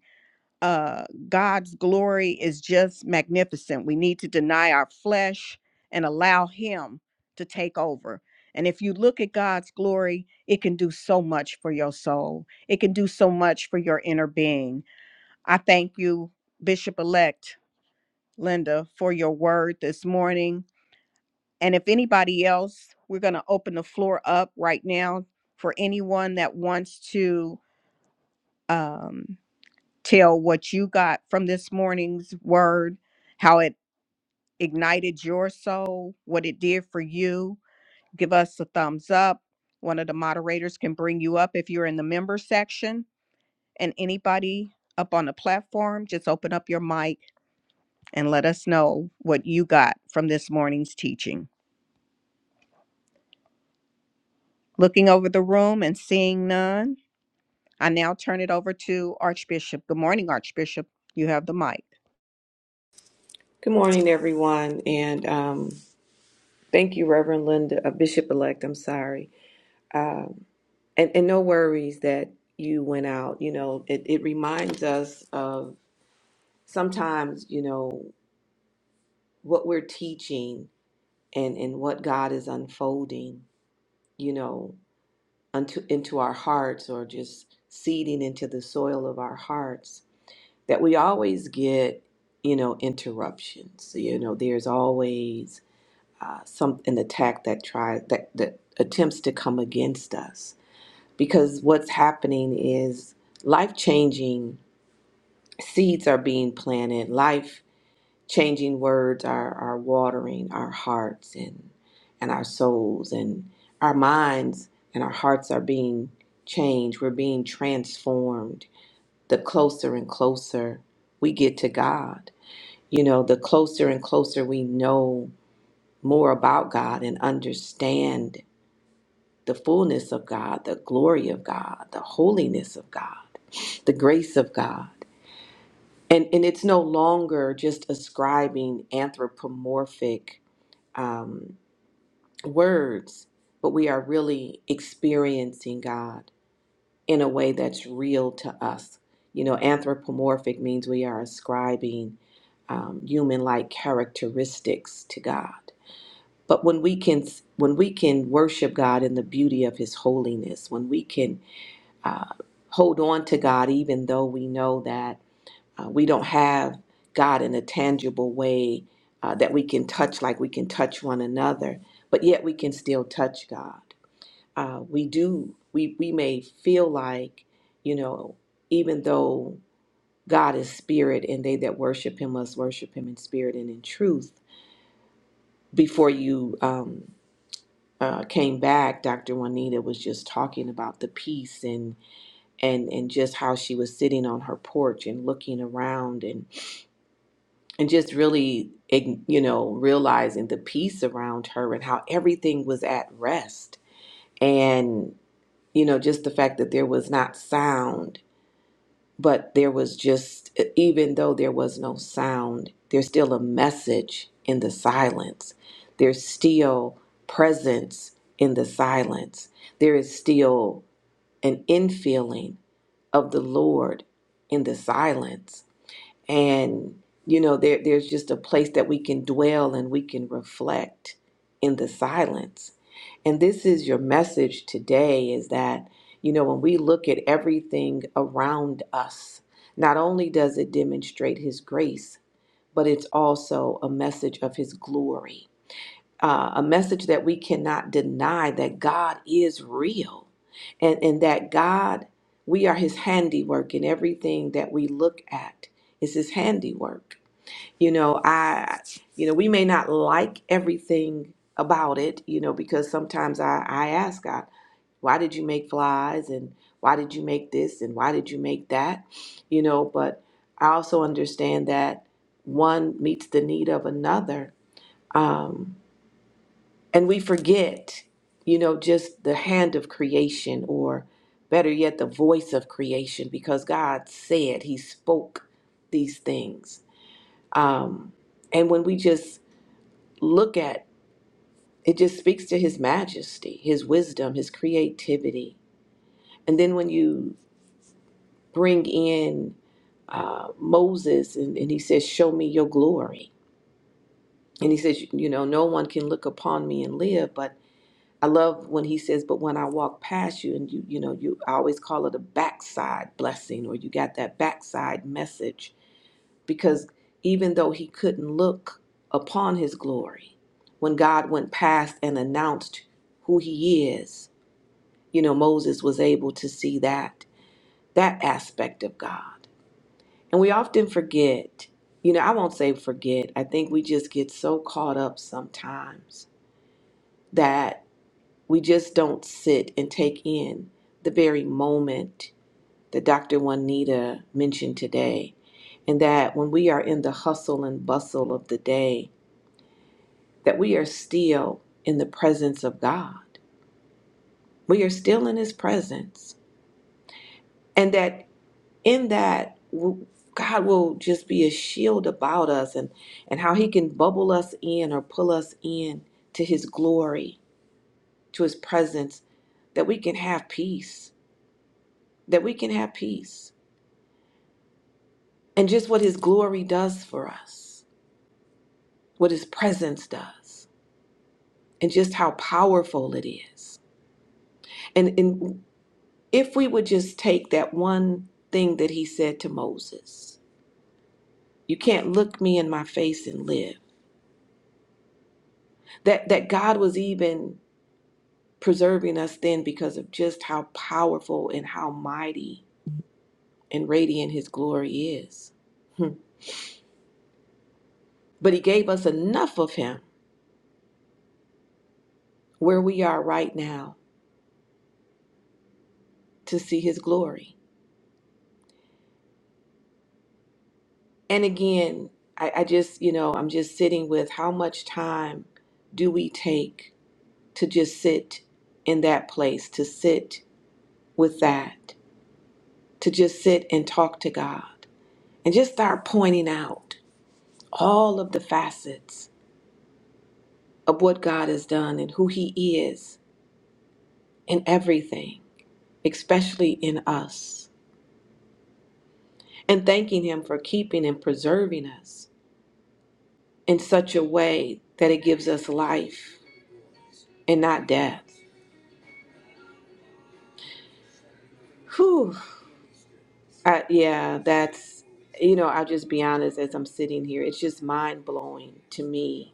S3: uh, God's glory is just magnificent. We need to deny our flesh and allow Him to take over. And if you look at God's glory, it can do so much for your soul, it can do so much for your inner being. I thank you, Bishop elect Linda, for your word this morning. And if anybody else, we're going to open the floor up right now for anyone that wants to. Um, tell what you got from this morning's word, how it ignited your soul, what it did for you. Give us a thumbs up. One of the moderators can bring you up if you're in the member section. And anybody up on the platform, just open up your mic and let us know what you got from this morning's teaching. Looking over the room and seeing none, I now turn it over to Archbishop. Good morning, Archbishop. You have the mic.
S2: Good morning, everyone, and um, thank you, Reverend Linda, uh, Bishop Elect. I'm sorry, um, and and no worries that you went out. You know, it, it reminds us of sometimes, you know, what we're teaching and and what God is unfolding. You know, unto into our hearts or just seeding into the soil of our hearts that we always get you know interruptions you know there's always uh, some an attack that tries that that attempts to come against us because what's happening is life changing seeds are being planted life changing words are, are watering our hearts and and our souls and our minds and our hearts are being changed we're being transformed the closer and closer we get to god you know the closer and closer we know more about god and understand the fullness of god the glory of god the holiness of god the grace of god and and it's no longer just ascribing anthropomorphic um, words, but we are really experiencing God in a way that's real to us. You know, anthropomorphic means we are ascribing um, human-like characteristics to God. But when we can when we can worship God in the beauty of His holiness, when we can uh, hold on to God, even though we know that. Uh, we don't have God in a tangible way uh, that we can touch, like we can touch one another, but yet we can still touch God. Uh, we do, we, we may feel like, you know, even though God is spirit and they that worship him must worship him in spirit and in truth. Before you um, uh, came back, Dr. Juanita was just talking about the peace and, and, and just how she was sitting on her porch and looking around and. and just really ig- you know realizing the peace around her and how everything was at rest and you know just the fact that there was not sound but there was just e, even though there was no sound there's still a message in the silence there's still presence in the silence there is still an infilling of the lord in the silence and you know there there's just a place that we can dwell and we can reflect in the silence and this is your message today is that you know when we look at everything around us not only does it demonstrate his grace but it's also a message of his glory uh, a message that we cannot deny that God is real and, and that God, we are his handiwork and everything that we look at is his handiwork. You know, I, you know, we may not like everything about it, you know, because sometimes I, I ask God, why did you make flies and why did you make this and why did you make that you know but i also understand that one meets the need of another Um, and we forget, you know, just the hand of creation, or better yet, the voice of creation, because God said, He spoke these things. Um, and when we just look at it, just speaks to His majesty, His wisdom, His creativity. And then when you bring in uh, Moses and, and he says, Show me your glory. And he says, You know, no one can look upon me and live, but I love when he says, but when I walk past you and you, you know, you I always call it a backside blessing or you got that backside message because even though he couldn't look upon his glory, when God went past and announced who he is, you know, Moses was able to see that, that aspect of God. And we often forget, you know, I won't say forget. I think we just get so caught up sometimes that. We just don't sit and take in the very moment that Dr. Juanita mentioned today. And that when we are in the hustle and bustle of the day, that we are still in the presence of God. We are still in His presence. And that in that, w- God will just be a shield about us and, and how He can bubble us in or pull us in to His glory, to His presence, that we can have peace. That we can have peace and just what his glory does for us, what his presence does, and just how powerful it is. And, and if we would just take that one thing that he said to Moses, you can't look me in my face and live. That that God was even preserving us then because of just how powerful and how mighty and radiant his glory is. Hmm. But he gave us enough of him where we are right now to see his glory. And again, I, I just, you know, I'm just sitting with how much time do we take to just sit in that place, to sit with that, to just sit and talk to God and just start pointing out all of the facets of what God has done and who He is in everything, especially in us, and thanking Him for keeping and preserving us in such a way that it gives us life and not death. Whew. I, yeah, that's, you know, I'll just be honest as I'm sitting here. It's just mind blowing to me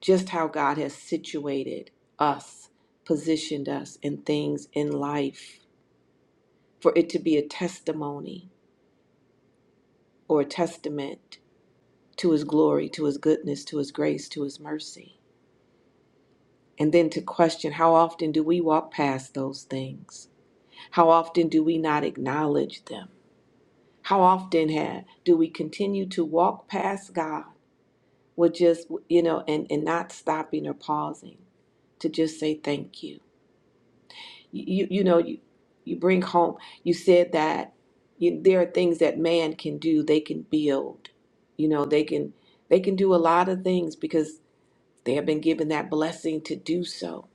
S2: just how God has situated us, positioned us in things in life for it to be a testimony or a testament to his glory, to his goodness, to his grace, to his mercy. And then to question how often do we walk past those things? How often do we not acknowledge them? How often have, do we continue to walk past God? with just you know and and not stopping or pausing to just say thank you you you you know you you bring home you said that you, there are things that man can do they can build you know they can they can do a lot of things because they have been given that blessing to do so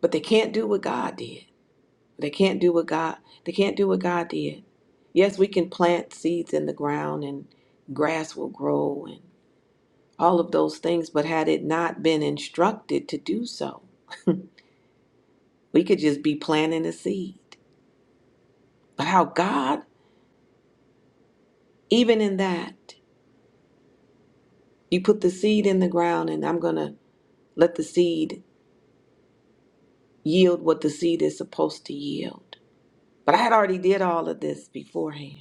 S2: but they can't do what god did they can't do what god they can't do what god did yes we can plant seeds in the ground and grass will grow and. all of those things, but had it not been instructed to do so, we could just be planting a seed. But how God, even in that, you put the seed in the ground and I'm going to let the seed yield what the seed is supposed to yield. But I had already did all of this beforehand.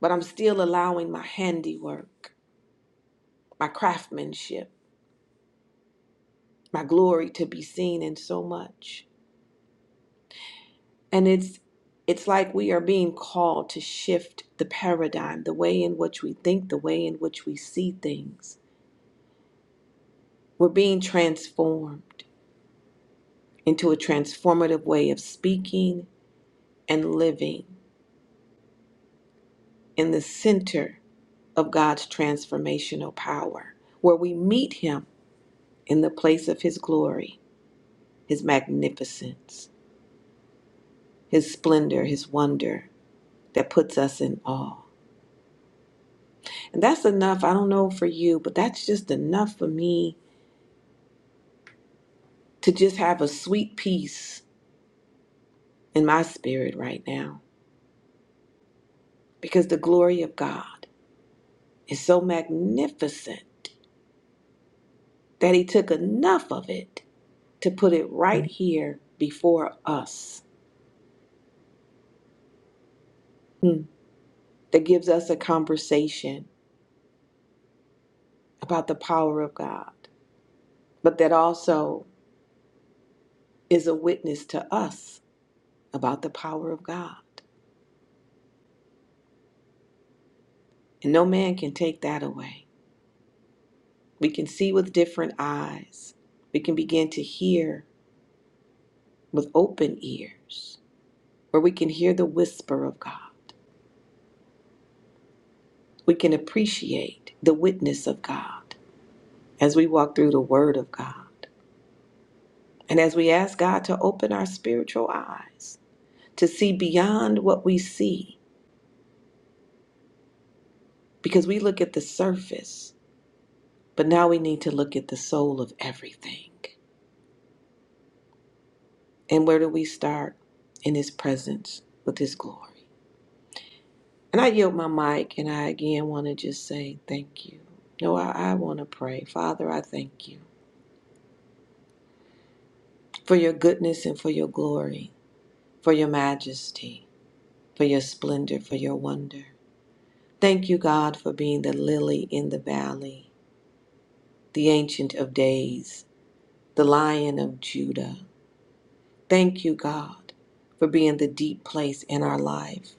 S2: But I'm still allowing my handiwork, my craftsmanship, my glory to be seen in so much. And it's it's like we are being called to shift the paradigm, the way in which we think, the way in which we see things. We're being transformed into a transformative way of speaking and living in the center of God's transformational power, where we meet him in the place of his glory, his magnificence, his splendor, his wonder that puts us in awe. And that's enough. I don't know for you, but that's just enough for me to just have a sweet peace in my spirit right now because the glory of God is so magnificent that He took enough of it to put it right here before us. Hmm. That gives us a conversation about the power of God, but that also is a witness to us about the power of God. And no man can take that away. We can see with different eyes, we can begin to hear with open ears where we can hear the whisper of God. We can appreciate the witness of God as we walk through the Word of God. And as we ask God to open our spiritual eyes to see beyond what we see, because we look at the surface, but now we need to look at the soul of everything. And where do we start? In His presence with His glory. And I yield my mic, and I again want to just say thank you. No, I, I want to pray. Father, I thank you. for your goodness and for your glory, for your majesty, for your splendor, for your wonder. Thank you, God, for being the lily in the valley, the ancient of days, the lion of Judah. Thank you, God, for being the deep place in our life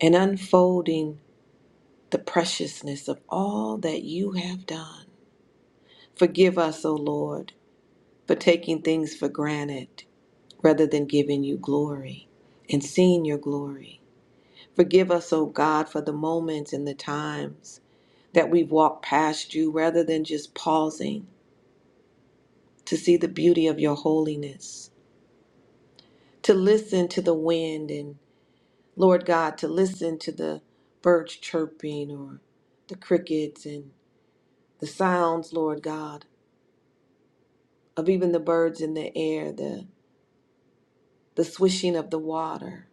S2: and unfolding the preciousness of all that you have done. Forgive us, O Lord, for taking things for granted rather than giving you glory and seeing your glory. Forgive us, O God, for the moments and the times that we've walked past you rather than just pausing to see the beauty of your holiness, to listen to the wind and, Lord God, to listen to the birds chirping or the crickets and the sounds, Lord God, of even the birds in the air, the, the swishing of the water,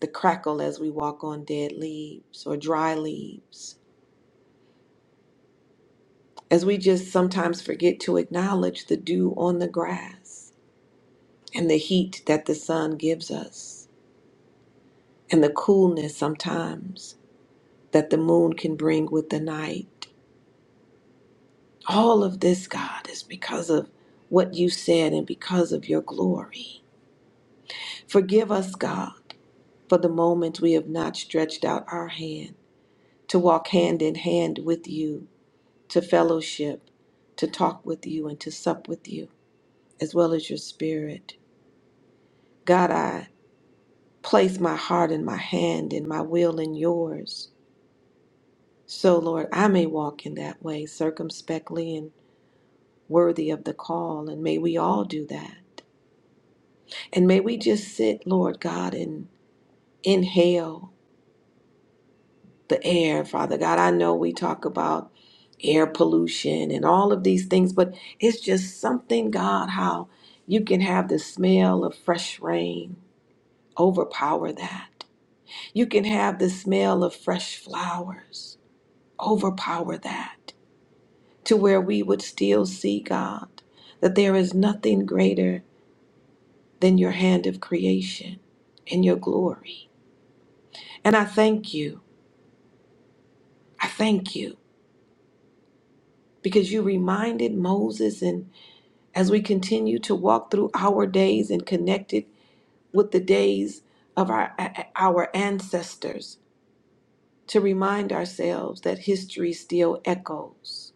S2: the crackle as we walk on dead leaves or dry leaves. as we just sometimes forget to acknowledge the dew on the grass and the heat that the sun gives us and the coolness sometimes that the moon can bring with the night. All of this, God, is because of what you said and because of your glory. Forgive us, God, for the moments we have not stretched out our hand to walk hand in hand with you, to fellowship, to talk with you, and to sup with you, as well as your spirit. God, I. Place my heart and my hand and my will in yours. So, Lord, I may walk in that way circumspectly and worthy of the call. And may we all do that. And may we just sit, Lord God, and inhale the air, Father God. I know we talk about air pollution and all of these things, but it's just something, God, how you can have the smell of fresh rain overpower that. You can have the smell of fresh flowers overpower that to where we would still see, God, that there is nothing greater than your hand of creation and your glory. And I thank you. I thank you because you reminded Moses, and as we continue to walk through our days and connected with the days of our, our ancestors, to remind ourselves that history still echoes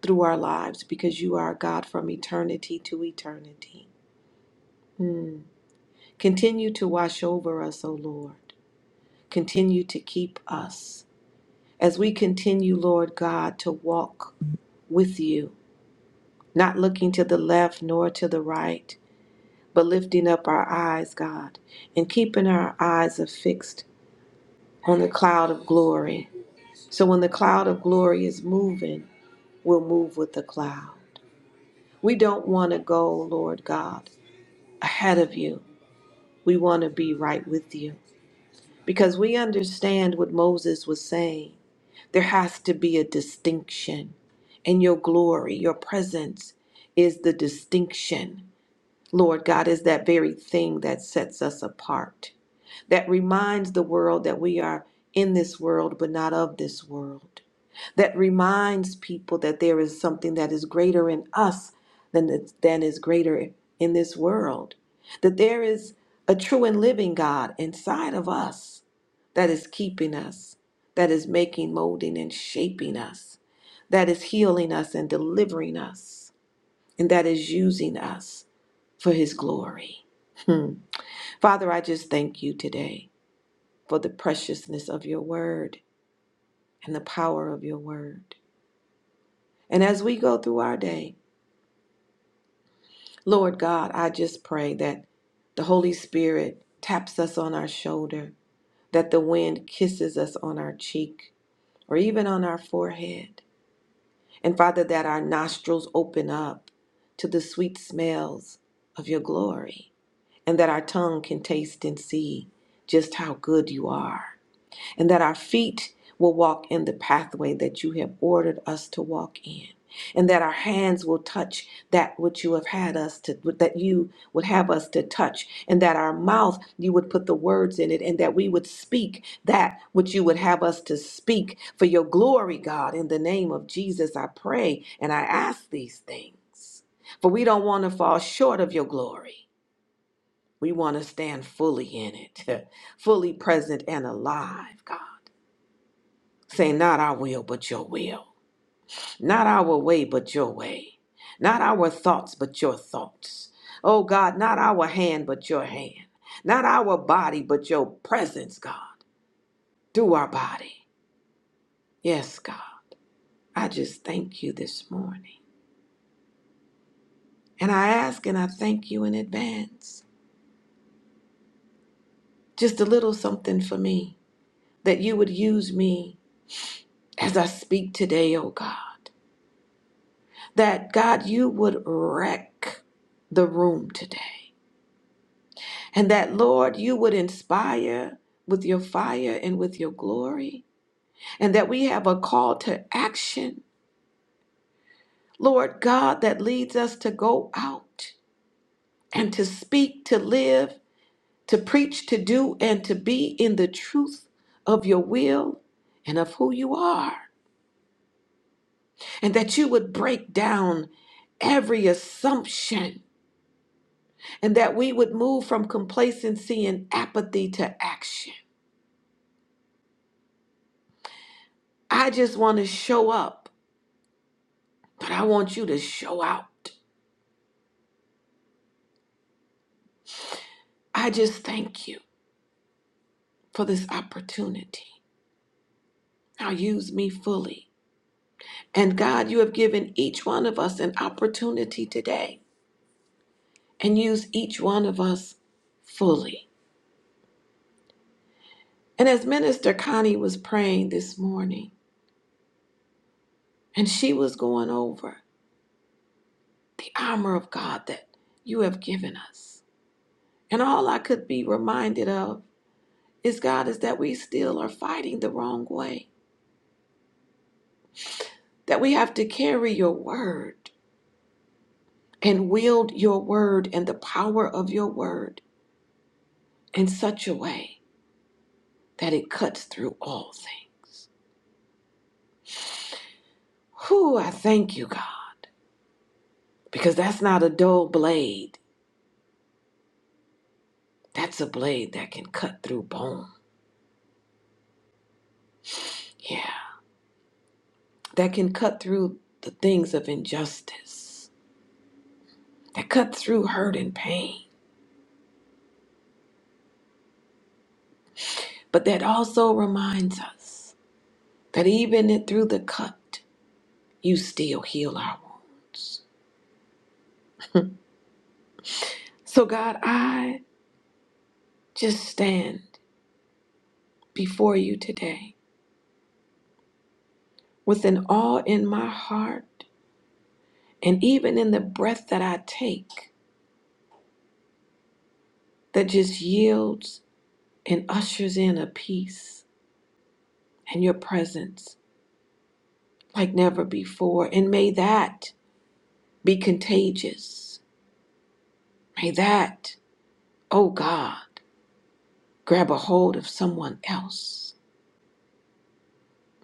S2: through our lives because you are a God from eternity to eternity. Hmm. Continue to wash over us, O Lord. Continue to keep us. As we continue, Lord God, to walk with you, not looking to the left nor to the right, but lifting up our eyes, God, and keeping our eyes affixed on the cloud of glory. So when the cloud of glory is moving, we'll move with the cloud. We don't want to go, Lord God, ahead of you. We want to be right with you because we understand what Moses was saying. There has to be a distinction. And your glory, your presence is the distinction. Lord God is that very thing that sets us apart, that reminds the world that we are in this world, but not of this world that reminds people that there is something that is greater in us than, it's- than is greater in this world, that there is a true and living God inside of us that is keeping us, that is making, molding, and shaping us, that is healing us and delivering us, and that is using us for His glory. Hmm. Father, I just thank you today for the preciousness of your word and the power of your word. And as we go through our day, Lord God, I just pray that the Holy Spirit taps us on our shoulder, that the wind kisses us on our cheek or even on our forehead. And Father, that our nostrils open up to the sweet smells of your glory, and that our tongue can taste and see just how good you are. and that our feet will walk in the pathway that you have ordered us to walk in and that our hands will touch that which you have had us to that you would have us to touch and that our mouth you would put the words in it and that we would speak that which you would have us to speak for your glory god in the name of jesus i pray and i ask these things for we don't want to fall short of your glory we want to stand fully in it fully present and alive god Say, not our will, but your will. Not our way, but your way. Not our thoughts, but your thoughts. Oh God, not our hand, but your hand. Not our body, but your presence, God, through our body. Yes, God. I just thank you this morning. And I ask and I thank you in advance. Just a little something for me that you would use me as I speak today, oh God. That God, you would wreck the room today And that, Lord, you would inspire with your fire and with your glory. And that we have a call to action, Lord God, that leads us to go out and to speak, to live, to preach, to do, and to be in the truth of your will and of who you are. And that you would break down every assumption and that we would move from complacency and apathy to action. I just want to show up But I want you to show out. I just thank you for this opportunity. Now use me fully. And God, you have given each one of us an opportunity today and use each one of us fully. And as Minister Connie was praying this morning, and she was going over the armor of God that you have given us. And all I could be reminded of is God, is that we still are fighting the wrong way, that we have to carry your word and wield your word and the power of your word in such a way that it cuts through all things. Whew, I thank you, God, because that's not a dull blade. That's a blade that can cut through bone. Yeah, that can cut through the things of injustice, that cut through hurt and pain. But that also reminds us that even it- through the cut, you still heal our wounds. So, God, I just stand before you today with an awe in my heart, and even in the breath that I take, that just yields and ushers in a peace and your presence like never before. And may that be contagious. May that, oh God, grab a hold of someone else.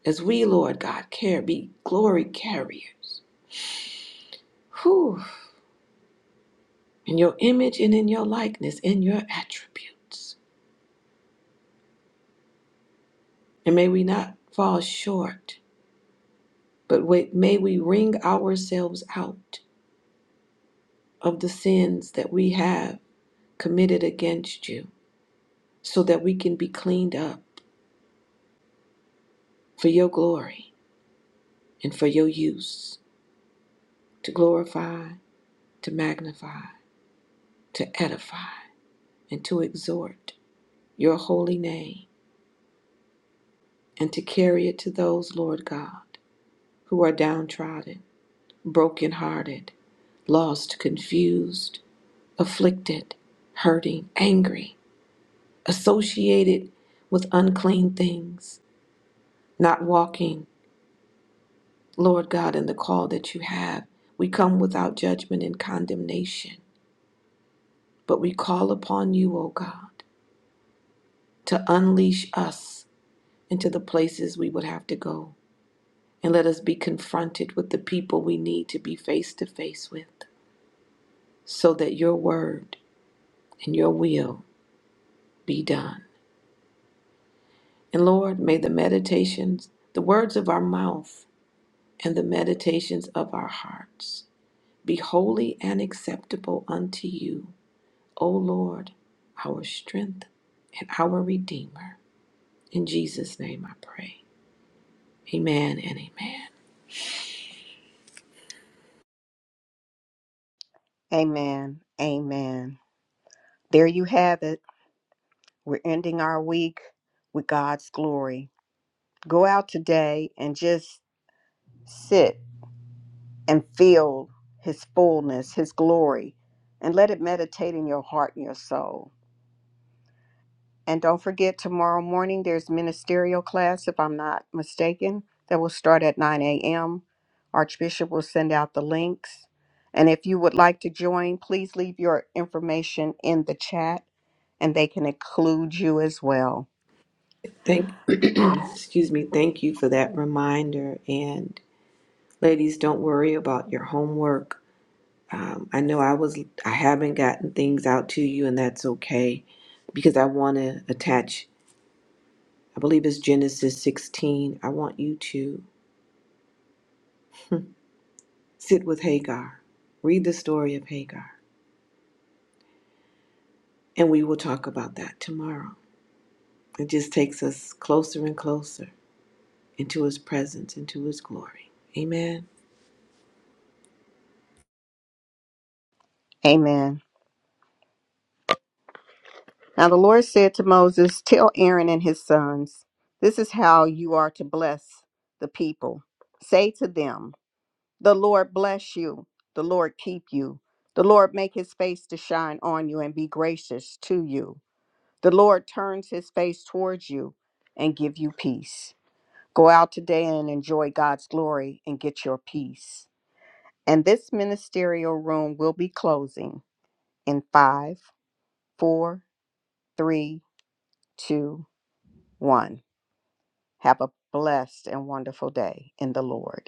S2: As we, Lord God, care, be glory carriers. Whew. In your image and in your likeness, in your attributes. And may we not fall short But wait, may we wring ourselves out of the sins that we have committed against you so that we can be cleaned up for your glory and for your use to glorify, to magnify, to edify, and to exhort your holy name and to carry it to those, Lord God, who are downtrodden, brokenhearted, lost, confused, afflicted, hurting, angry. associated with unclean things, not walking, Lord God, in the call that you have. We come without judgment and condemnation, but we call upon you, O God, to unleash us into the places we would have to go. And let us be confronted with the people we need to be face to face with, so that your word and your will be done. And Lord, may the meditations, the words of our mouth, and the meditations of our hearts be holy and acceptable unto you, O Lord, our strength and our Redeemer. In Jesus' name I pray. Amen and amen.
S3: Amen. Amen. There you have it. We're ending our week with God's glory. Go out today and just sit and feel His fullness, His glory, and let it meditate in your heart and your soul. And don't forget, tomorrow morning there's ministerial class, if I'm not mistaken, that will start at 9 a.m. Archbishop will send out the links. And if you would like to join, please leave your information in the chat and they can include you as well.
S2: Thank excuse me, thank you for that reminder. And ladies, don't worry about your homework. Um, I know I was I haven't gotten things out to you, and that's okay because I want to attach, I believe it's Genesis 16. I want you to sit with Hagar, read the story of Hagar And we will talk about that tomorrow. It just takes us closer and closer into His presence, into His glory. Amen.
S3: Amen. Now the Lord said to Moses, Tell Aaron and his sons, this is how you are to bless the people. Say to them, 'The Lord bless you, the Lord keep you, the Lord make his face to shine on you and be gracious to you. The Lord turns his face towards you and give you peace. Go out today and enjoy God's glory and get your peace. And this ministerial room will be closing in five, four, three, two, one. Have a blessed and wonderful day in the Lord.